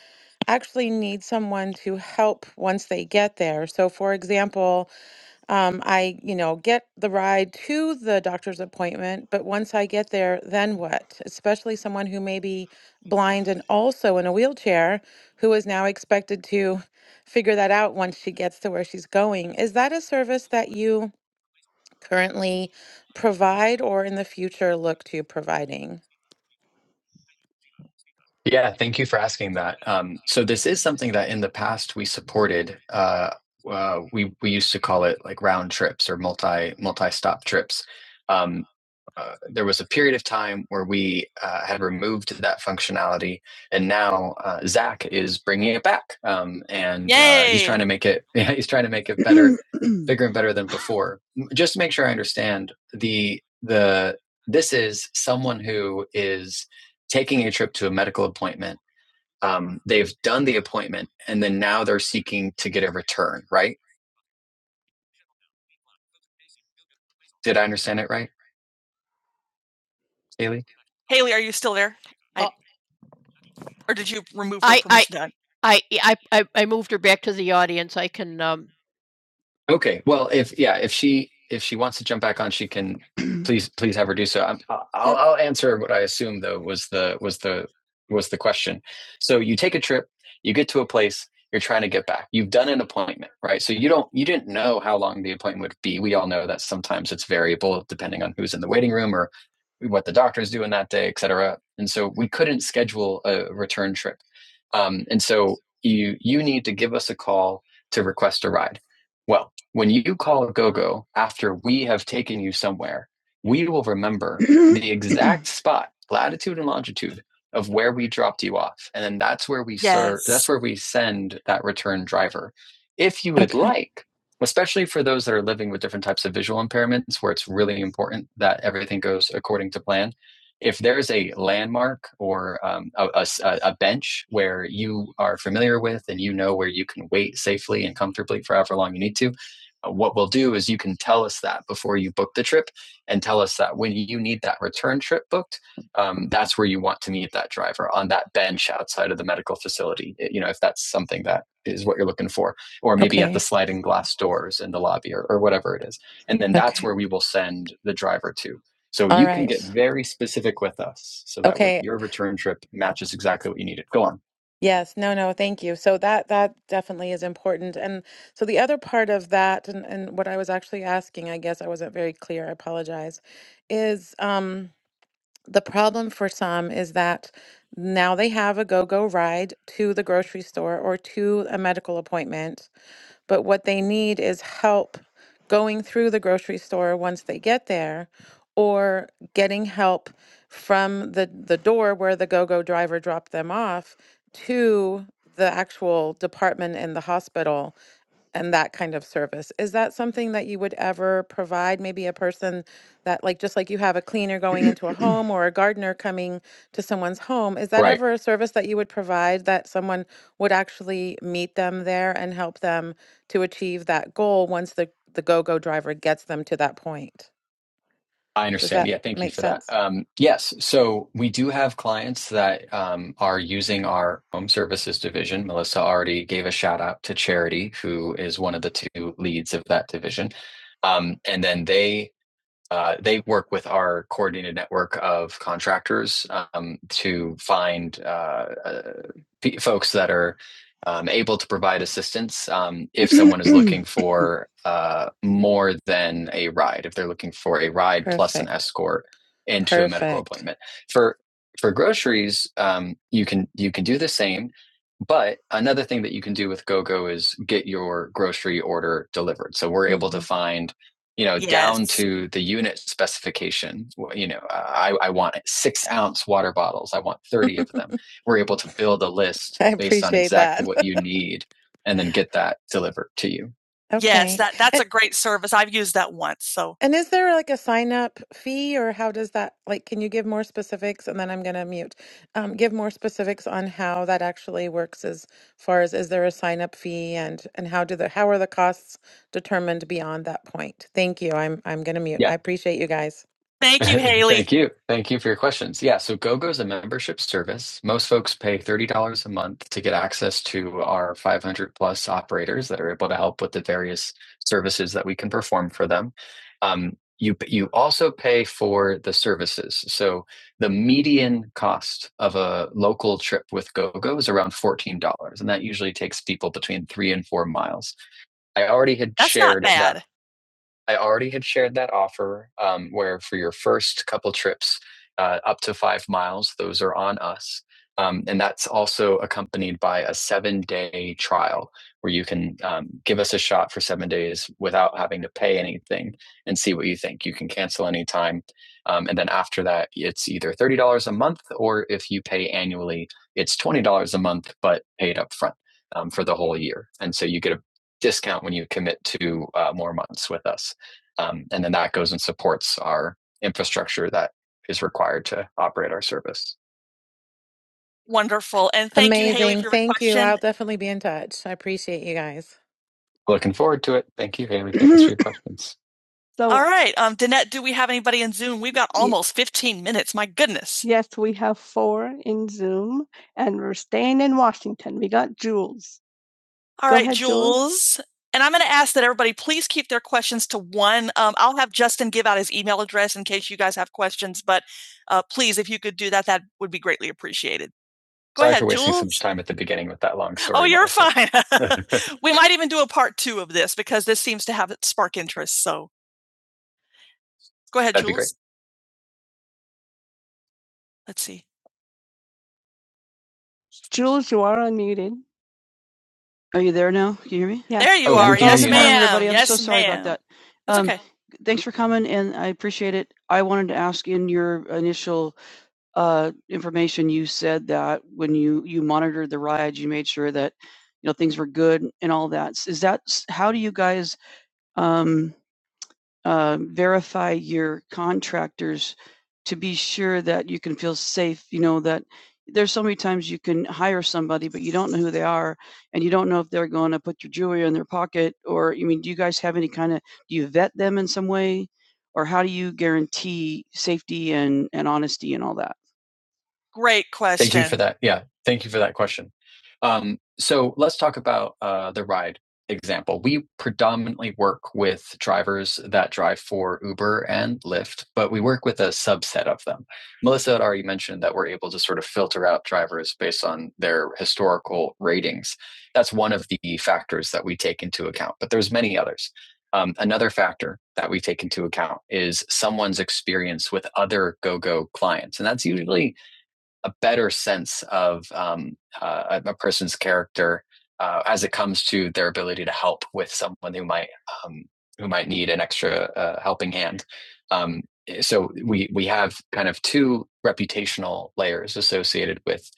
Speaker 2: actually need someone to help once they get there. So, for example, um, I, you know, get the ride to the doctor's appointment, but once I get there, then what? Especially someone who may be blind and also in a wheelchair, who is now expected to figure that out once she gets to where she's going. Is that a service that you? currently provide or in the future look to providing?
Speaker 1: Yeah, thank you for asking that. Um, so this is something that in the past we supported. Uh, uh, we we used to call it like round trips or multi multi stop trips. Um, uh, there was a period of time where we uh, had removed that functionality, and now uh, Zach is bringing it back, um, and uh, he's Yay. trying to make it. Yeah, he's trying to make it better, bigger and better than before. M- Just to make sure I understand the the this is someone who is taking a trip to a medical appointment. Um, they've done the appointment and then now they're seeking to get a return, right? Did I understand it right, Haley? Haley, are you still there? Or did you remove? Done. Okay. Well, if yeah, if she if she wants to jump back on, she can. Please, please have her do so. I'm, I'll, I'll I'll answer what I assume though was the was the was the question. So you take a trip, you get to a place, you're trying to get back. You've done an appointment, right? So you don't you didn't know how long the appointment would be. We all know that sometimes it's variable depending on who's in the waiting room or what the doctor is doing that day, et cetera. And so we couldn't schedule a return trip. Um, and so you you need to give us a call to request a ride. Well, when you call a go go after we have taken you somewhere, we will remember the exact spot, latitude and longitude of where we dropped you off. And then that's where we yes. serve, Yes. that's where we send that return driver. If you would
Speaker 2: Okay.
Speaker 1: like, especially for those that are living with different types of visual impairments where it's really important that everything goes according to plan, if there's a landmark or um, a, a s- a- a bench where you are familiar with and you know where you can wait safely and comfortably for however long you need to, uh, what we'll do is you can tell us that before you book the trip and tell us that when you need that return trip booked um, that's where you want to meet that driver on that bench outside of the medical facility eh, you know if that's something that is what you're looking for or maybe at the
Speaker 2: Okay.
Speaker 1: sliding glass doors in the lobby or, or whatever it is and then that's
Speaker 2: Okay.
Speaker 1: where we will send the driver to so
Speaker 2: All
Speaker 1: you can get
Speaker 2: right.
Speaker 1: very specific with us so that when
Speaker 2: Okay.
Speaker 1: your return trip matches exactly what you needed go on
Speaker 2: Yes. No, no, thank you. So that that definitely is important. And so the other part of that and, and what I was actually asking, I guess I wasn't very clear, I apologize, is um The problem for some is that now they have a go go ride to the grocery store or to a medical appointment, but what they need is help going through the grocery store once they get there or getting help from the, the door where the go go driver dropped them off to the actual department in the hospital and that kind of service. Is that something that you would ever provide? Maybe a person that, like, just like you have a cleaner going into a home or a gardener coming to someone's home, is that
Speaker 1: right
Speaker 2: ever a service that you would provide that someone would actually meet them there and help them to achieve that goal once the, the go go driver gets them to that point?
Speaker 1: I
Speaker 2: Does
Speaker 1: understand.
Speaker 2: that
Speaker 1: Yeah, thank you
Speaker 2: make
Speaker 1: for that.
Speaker 2: sense?
Speaker 1: Um, yes, so we do have clients that um, are using our home services division. Melissa already gave a shout out to Charity, who is one of the two leads of that division. Um, and then they uh, they work with our coordinated network of contractors um, to find uh, uh, pe- folks that are um, able to provide assistance um, if someone is looking for uh, more than a ride. If they're looking for a ride plus an
Speaker 2: Perfect.
Speaker 1: escort into a medical
Speaker 2: Perfect.
Speaker 1: appointment for for groceries, um, you can you can do the same. But another thing that you can do with GoGo is get your grocery order delivered. So we're able to
Speaker 2: hmm
Speaker 1: find you know, yes. down Yes. to the unit specification. You know, I, I want six ounce water bottles. I want 30 of them. We're able to build a list
Speaker 2: I
Speaker 1: based on
Speaker 2: appreciate
Speaker 1: exactly
Speaker 2: that.
Speaker 1: what you need and then get that delivered to you. Yes,
Speaker 2: Okay.
Speaker 1: that that's
Speaker 2: And
Speaker 1: a great service. I've used that once, so
Speaker 2: And is there like a sign up fee or how does that like can you give more specifics and then I'm going to mute. Um give more specifics on how that actually works as far as is there a sign up fee and and how do the how are the costs determined beyond that point? Thank you. I'm I'm going to mute.
Speaker 1: yeah.
Speaker 2: I appreciate you guys.
Speaker 1: Thank you, Haley. Thank you. Thank you for your questions. Yeah, so GoGo is a membership service. Most folks pay $30 a month to get access to our 500 plus operators that are able to help with the various services that we can perform for them. Um, you, you also pay for the services. So the median cost of a local trip with GoGo is around $14, and that usually takes people between three and four miles. I already had That's shared that I already had shared that offer um, where for your first couple trips, uh, up to five miles, those are on us. Um, and that's also accompanied by a seven day trial where you can um, give us a shot for seven days without having to pay anything and see what you think. You can cancel anytime. Um, and then after that, it's either $30 a month or if you pay annually, it's $20 a month, but paid up front um, for the whole year. And so you get a discount when you commit to uh, more months with us. Um, and then that goes and supports our infrastructure that is required to operate our service. Wonderful. And thank you, Haley,
Speaker 2: Amazing.
Speaker 1: for your
Speaker 2: Thank you. I'll
Speaker 1: question.
Speaker 2: definitely be in touch. I appreciate you guys.
Speaker 1: Looking forward to it. Thank you, Haley. Thanks for your questions. So, All right. Um, Danette, do we have anybody in Zoom? We've got almost 15 minutes. My goodness. yes, we have four in Zoom, and we're staying in Washington. We got Jules. All Go right, ahead, Jules. Jules. And I'm going to ask that everybody please keep their questions to one. Um, I'll have Justin give out his email address in case you guys have questions, but uh, please, if you could do that, that would be greatly appreciated. Go Sorry ahead, for wasting Jules. so much time at the beginning with that long story. Oh, you're fine. we might even do a part two of this because this seems to have spark interest. So go ahead, That'd Jules. Let's see. Jules, you are unmuted. Yeah. There you Oh, are. Yes, unmuted. ma'am. Everybody, I'm yes, so sorry ma'am. about that. Um, It's Um, okay. Is um, uh, verify. Great question. Thank you for that. Yeah, thank you for that question. Um, so let's talk about uh, the ride example. We predominantly work with drivers that drive for Uber and Lyft, but we work with a subset of them. Melissa had already mentioned that we're able to sort of filter out drivers based on their historical ratings. That's one of the factors that we take into account, but there's many others. Um, another factor that we take into account is someone's experience with other GoGo clients, and that's usually a better sense of um, uh, a person's character uh, as it comes to their ability to help with someone who might um, who might need an extra uh, helping hand. Um, so we we have kind of two reputational layers associated with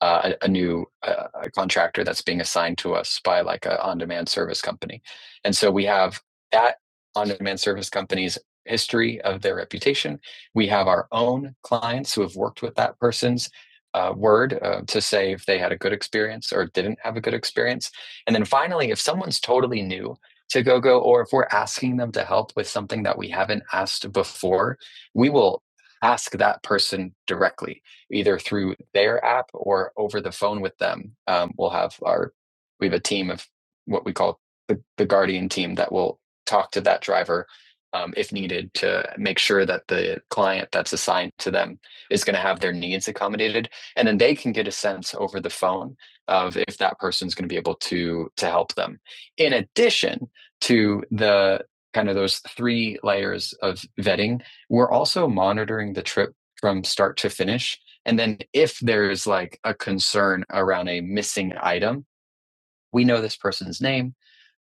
Speaker 1: uh, a, a new uh, contractor that's being assigned to us by like an on-demand service company, and so we have that on-demand service company's history of their reputation. We have our own clients who have worked with that person's uh, word uh, to say if they had a good experience or didn't have a good experience. And then finally, if someone's totally new to GoGo or if we're asking them to help with something that we haven't asked before, we will ask that person directly, either through their app or over the phone with them. Um, we'll have our, we have a team of what we call the, the guardian team that will talk to that driver um, if needed to make sure that the client that's assigned to them is going to have their needs accommodated and then they can get a sense over the phone of if that person's going to be able to to help them in addition to the kind of those three layers of vetting we're also monitoring the trip from start to finish and then if there's like a concern around a missing item we know this person's name,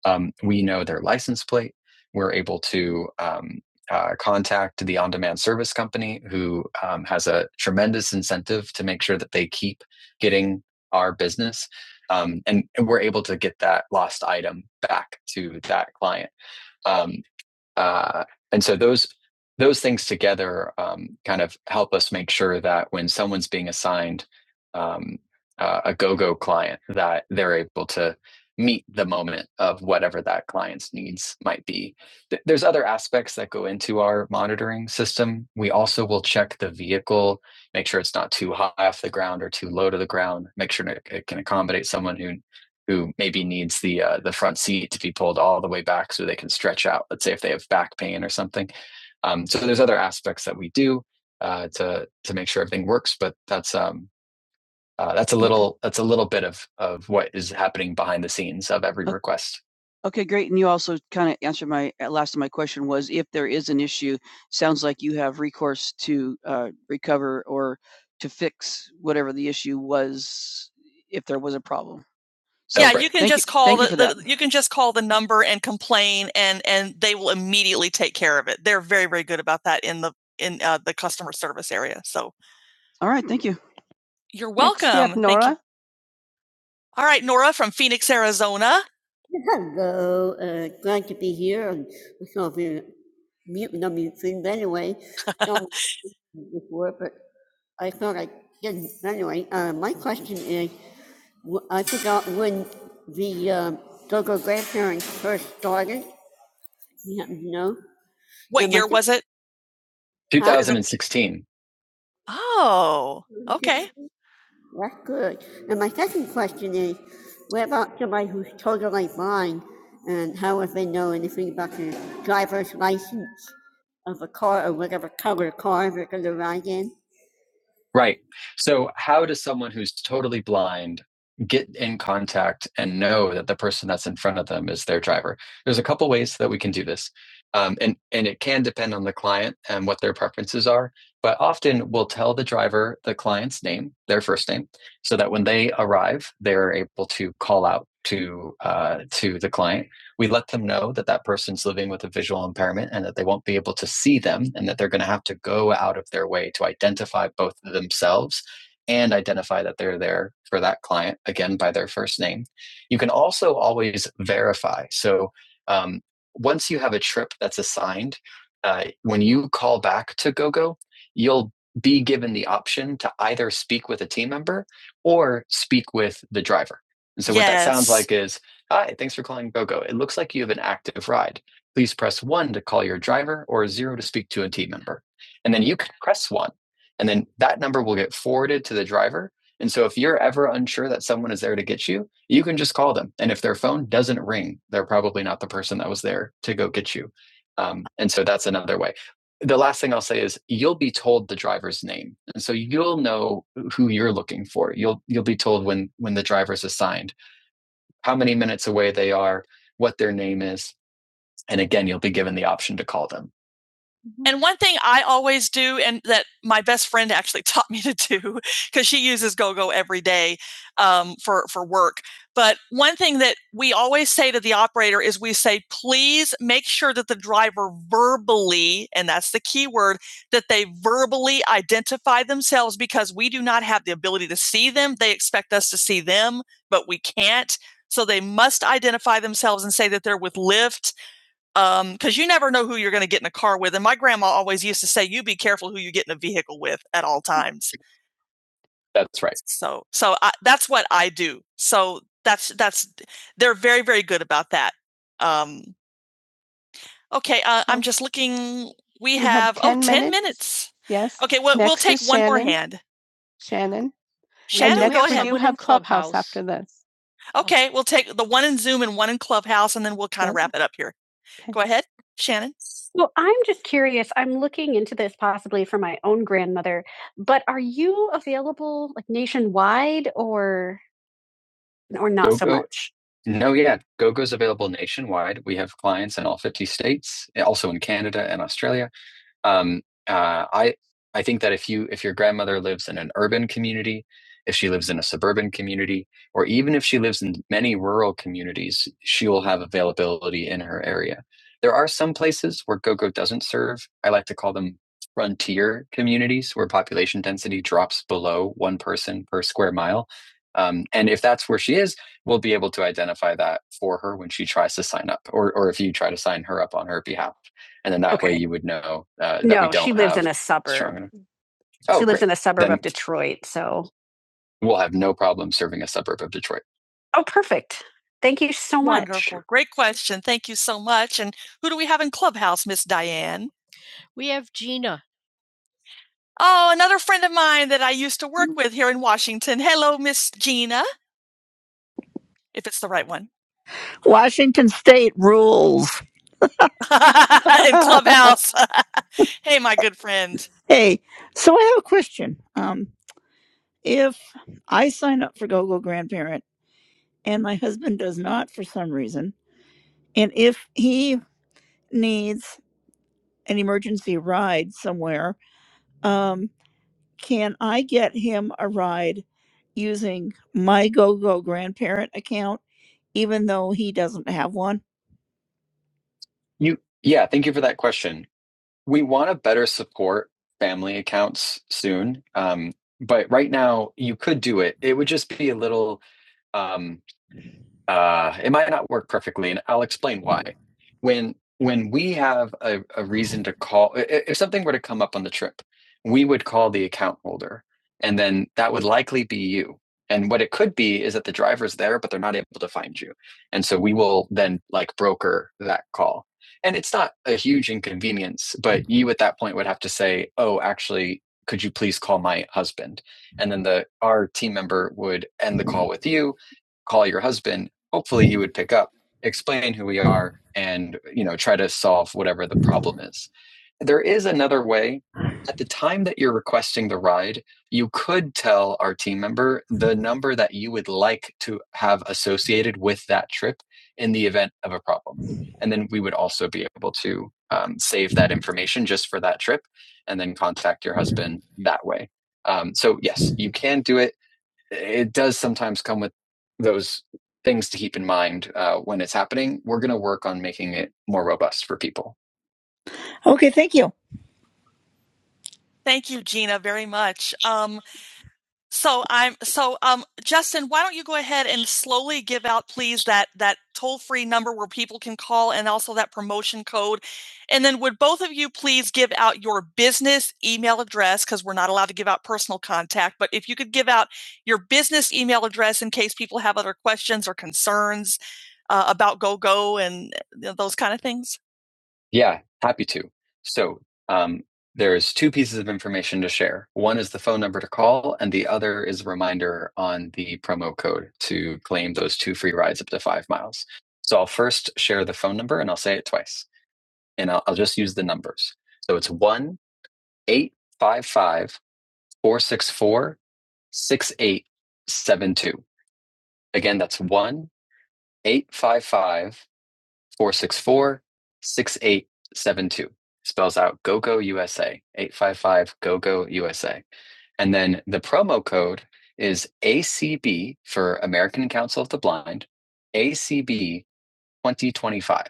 Speaker 1: um, we know their license plate. We're able to um, uh, contact the on demand service company who um, has a tremendous incentive to make sure that they keep getting our business. Um, and, and we're able to get that lost item back to that client. Um, uh, and so those those things together um, kind of help us make sure that when someone's being assigned um, uh, a go-go client that they're able to meet the moment of whatever that client's needs might be Th- there's other aspects that go into our monitoring system we also will check the vehicle make sure it's not too high off the ground or too low to the ground make sure it it can accommodate someone who who maybe needs the uh, the front seat to be pulled all the way back so they can stretch out. Let's say if they have back pain or something. Um, so there's other aspects that we do uh, to to make sure everything works, but that's um, uh, that's a little that's a little bit of of what is happening behind the scenes of every Okay. request. Okay, great. And you also kind of answered my uh, last of my question was if there's you sound uh, So yeah, you can Thank just you, call thank you the, you can just call the number and complain, and and they will immediately take care of it. They're very very good about that in the in uh, the customer service area. So you're welcome. we have you. Nora. All right, Nora from Phoenix, Arizona. Hello, uh, glad to be here. And I saw the mute number thing but anyway. before, but I thought I didn't. Anyway, uh, my question is: the uh, go-go grandparents started. You know, What year was it? 2016. Oh, okay. That's good. And my second question is, what about somebody who's total like mine, and how would they know anything about the driver's license of a car or whatever color car they're going to ride in? Right. So, how does someone who's totally blind get in contact and know that the person that's in front of them is their driver? There's a couple ways that we can do this. Um, and, and it can depend on the client and what their preferences are. But often we'll tell the driver the client's name, their first name, so that when they arrive, they're able to call out to uh, to the client we let them know that that person's living with a visual impairment and that they won't be able to see them and that they're going to have to go out of their way to identify both themselves and identify that they're there for that client again by their first name. You can also always verify. So um, once you have a trip that's assigned, uh, when you call back to GoGo, you'll be given the option to either speak with a team member or speak with the driver. And so yes. what that sounds Yes. like is Hi, thanks for calling GoGo. It looks like you have an active ride. Please press 1 to call your driver or 0 to speak to a team member. And then you can press 1, and then that number will get forwarded to the driver. And so if you're ever unsure that someone is there to get you, you can just call them. And if their phone doesn't ring, they're probably not the person that was there to go get you. Um, and so that's another way. The last thing I'll say is you'll be told the driver's name. And so you'll know who you're looking for. You'll you'll be told when when the driver's assigned how many minutes away they are, what their name is. And again, you'll be given the option to call them. And one thing I always do, and that my best friend actually taught me to do, because she uses GoGo every day um, for for work. But one thing that we always say to the operator is, we say, please make sure that the driver verbally, and that's the key word, that they verbally identify themselves, because we do not have the ability to see them. They expect us to see them, but we can't. So they must identify themselves and say that they're with Lyft um because you never know who you're going to get in a car with and my grandma always used to say you be careful who you get in a vehicle with at all times That's right. so so I, that's what i do so that's that's they're very very good about that um okay uh, i'm just looking we We have have, ten, oh 10 10 minutes. Yes. okay Well, will we'll take is one Shannon. more hand Shannon. That's okay we'll take the one in zoom and one in clubhouse and then we'll kind of Okay. wrap it up here Go ahead, Shannon. Well, I'm just curious. I'm looking into this possibly for my own grandmother, but are you available like nationwide or or not so GoGo, much? no, yeah, GoGo's available nationwide. We have clients in all 50 states, also in Canada and Australia. Um, uh, I I think that if you if your grandmother lives in an urban community, if she lives in a suburban community, or even if she lives in many rural communities, she will have availability in her area. There are some places where GoGo doesn't serve. I like to call them frontier communities where population density drops below one person per square mile. Um, and if that's where she is, we'll be able to identify that for her when she tries to sign up, or or if you try to sign her up on her behalf and then that Okay. way you would know uh, that we No, we don't she lives in a suburb. strong she Oh, lives great. in a suburb Then of Detroit. So, we'll have no problem serving a suburb of Detroit. oh, perfect. Thank you so much. Wonderful. Great question. Thank you so much. And who do we have in Clubhouse, Miss Diane? Oh, another friend of mine that I used to work with here in Washington. Hello, Miss Gina, if it's the right one.
Speaker 3: Washington State rules.
Speaker 1: in Clubhouse. hey, my good friend.
Speaker 3: Hey, so I have a question. Um, if I sign up for GoGo Grandparent and my husband does not for some reason, and if he needs an emergency ride somewhere, um, can I get him a ride using my GoGo Grandparent account, even though he doesn't have one?
Speaker 1: You, yeah, thank you for that question. we want to better support family accounts soon um, but right now you could do it it would just be a little um, uh, it might not work perfectly, and I'll explain why. When when we have a, a reason to call, i- i- if something were to come up on the trip, we would call the account holder, and then that would likely be you. And what it could be is that the driver's there, but they're not able to find you, and so we will then like broker that call. And it's not a huge inconvenience, but you at that point would have to say, "Oh, actually, could you please call my husband?" And then the our team member would end the call with you, call your husband hopefully he would pick up, explain who we are, and uh, you know try to solve whatever the problem is. There is another way. At the time that you're requesting the ride, you could tell our team member the number that you would like to have associated with that trip in the event of a problem. And then we would also be able to um, save that information just for that trip and then contact your husband that way. Um, so, yes, you can do it it does sometimes come with those things to keep in mind uh, when it's happening. We're going to work on making it more robust for people.
Speaker 3: Okay, thank you.
Speaker 1: Thank you, Gina, very much. Um, So I'm so um Justin, why don't you go ahead and slowly give out please that that toll-free number where people can call and also that promotion code. And then would both of you please give out your business email address cuz we're not allowed to give out personal contact, but if you could give out your business email address in case people have other questions or concerns uh, about GoGo and uh, those kind of things. Yeah, happy to. So um, there's two pieces of information to share. One is the phone number to call, and the other is a reminder on the promo code to claim those two free rides up to five miles. So I'll first share the phone number and I'll say it twice, and I'll, I'll just use the numbers. So it's one eight five five four six four six eight seven two. Again, that's one 855. Four six four six eight seven two Spells out GoGo USA, 855 GoGo USA. And then the promo code is ACB for American Council of the Blind, ACB 2025.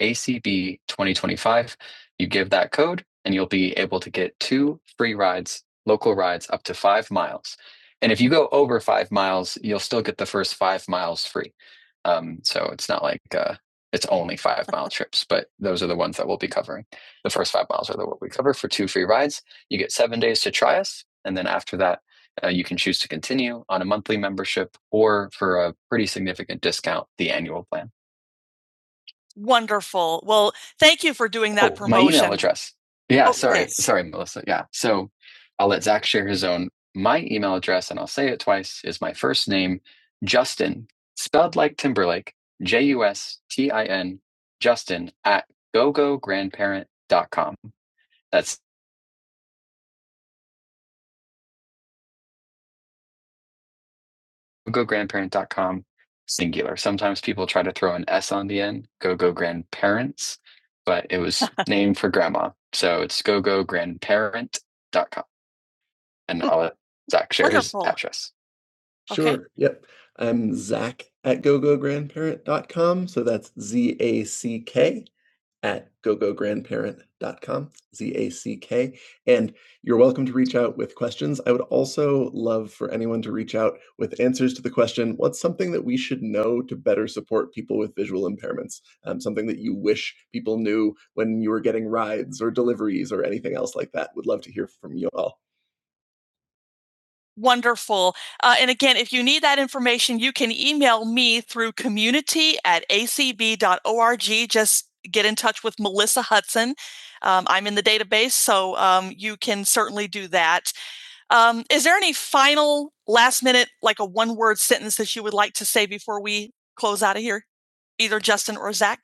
Speaker 1: ACB 2025. You give that code, and you'll be able to get two free rides, local rides up to five miles. And if you go over five miles, you'll still get the first five miles free. Um, so it's not like uh, it's only five mile trips, but those are the ones that we'll be covering. The first five miles are the what we cover for two free rides. You get seven days to try us, and then after that, uh, you can choose to continue on a monthly membership or for a pretty significant discount, the annual plan. Wonderful. Well, thank you for doing that Oh, promotion. my email address. Yeah, Oh, sorry, yes. sorry, Melissa. Yeah, so I'll let Zach share his own. My email address, and I'll say it twice, is my first name, Justin, spelled like Timberlake, J U S T I N, Justin at go go grandparent dot com. That's go go grandparent dot com singular. Sometimes people try to throw an S on the end, go-go grandparents, but it was named for grandma. So it's go go grandparent dot com. and I'll let Zach share his Wonderful. His address. Okay. Sure. Okay. Yep. I'm Zach at go go grandparent dot com. So that's Z A C K at go go grandparent dot com. Z A C K. And you're welcome to reach out with questions. I would also love for anyone to reach out with answers to the question what's something that we should know to better support people with visual impairments? Um, something that you wish people knew when you were getting rides or deliveries or anything else like that. Would love to hear from you all. Wonderful. Uh, and again, if you need that information, you can email me through community at acb.org. Just get in touch with Melissa Hudson. Um, I'm in the database, so um, you can certainly do that. Um, is there any final last minute, like a one word sentence that you would like to say before we close out of here, either Justin or Zach?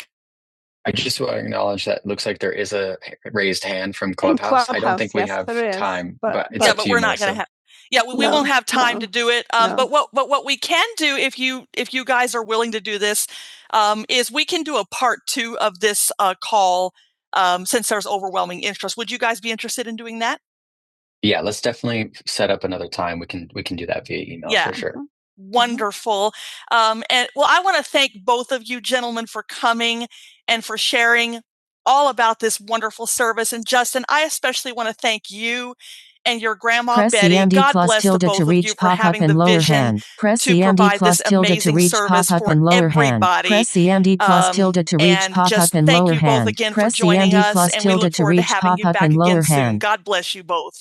Speaker 1: I just want to acknowledge that it looks like there is a raised hand from Clubhouse. Clubhouse I don't think we yes, have time, but- but it's yeah, but we're not going to have. Yeah, we, no, we No, won't have time uh to do it. Um, no. But what but what we can do if you if you guys are willing to do this um, is we can do a part two of this uh, call um, since there's overwhelming interest. Would you guys be interested in doing that? Yeah, let's definitely set up another time. We can we can do that via email Yeah. for sure. wonderful. Um, and well, I want to thank both of you gentlemen for coming and for sharing all about this wonderful service. And Justin, I especially want to thank you and your grandma Press Betty. the God plus bless the tilde both to of you reach for pop up having and the lower vision hand. Press to the provide plus this tilde to reach service pop up for and lower everybody. hand. Press the plus Um, tilde to reach and pop up just and thank lower hand. Thank you both hand. again Press the joining MD us, plus and we tilde look to forward to reach having pop you up back and again lower soon. hand. God bless you both.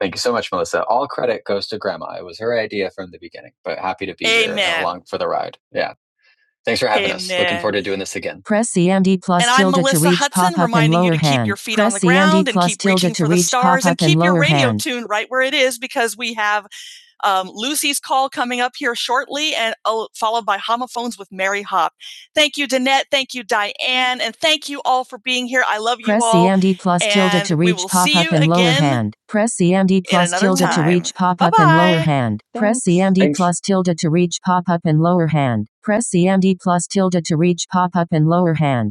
Speaker 1: Thank you so much, Melissa. All credit goes to Grandma. It was her idea from the beginning, but happy to be here Amen. and along for the ride. Yeah. Thanks for having Amen. us. Looking forward to doing this again. Press CMD plus And tilde to reach pop up and lower hand. Press CMD plus tilde to pop up and lower hand. Press CMD plus tilde to reach stars pop and up and keep your lower radio hand. tuned right where it is because we have um, Lucy's call coming up here shortly, and uh, followed by homophones with Mary Hop. Thank you, Danette. Thank you, Diane, and thank you all for being here. I love you Press all. CMD plus tilde to reach pop up and lower hand. Press CMD plus another tilde time. to reach pop up and lower hand. Press CMD plus tilde to reach pop up and lower hand. Press CMD plus tilde to reach pop up and lower hand.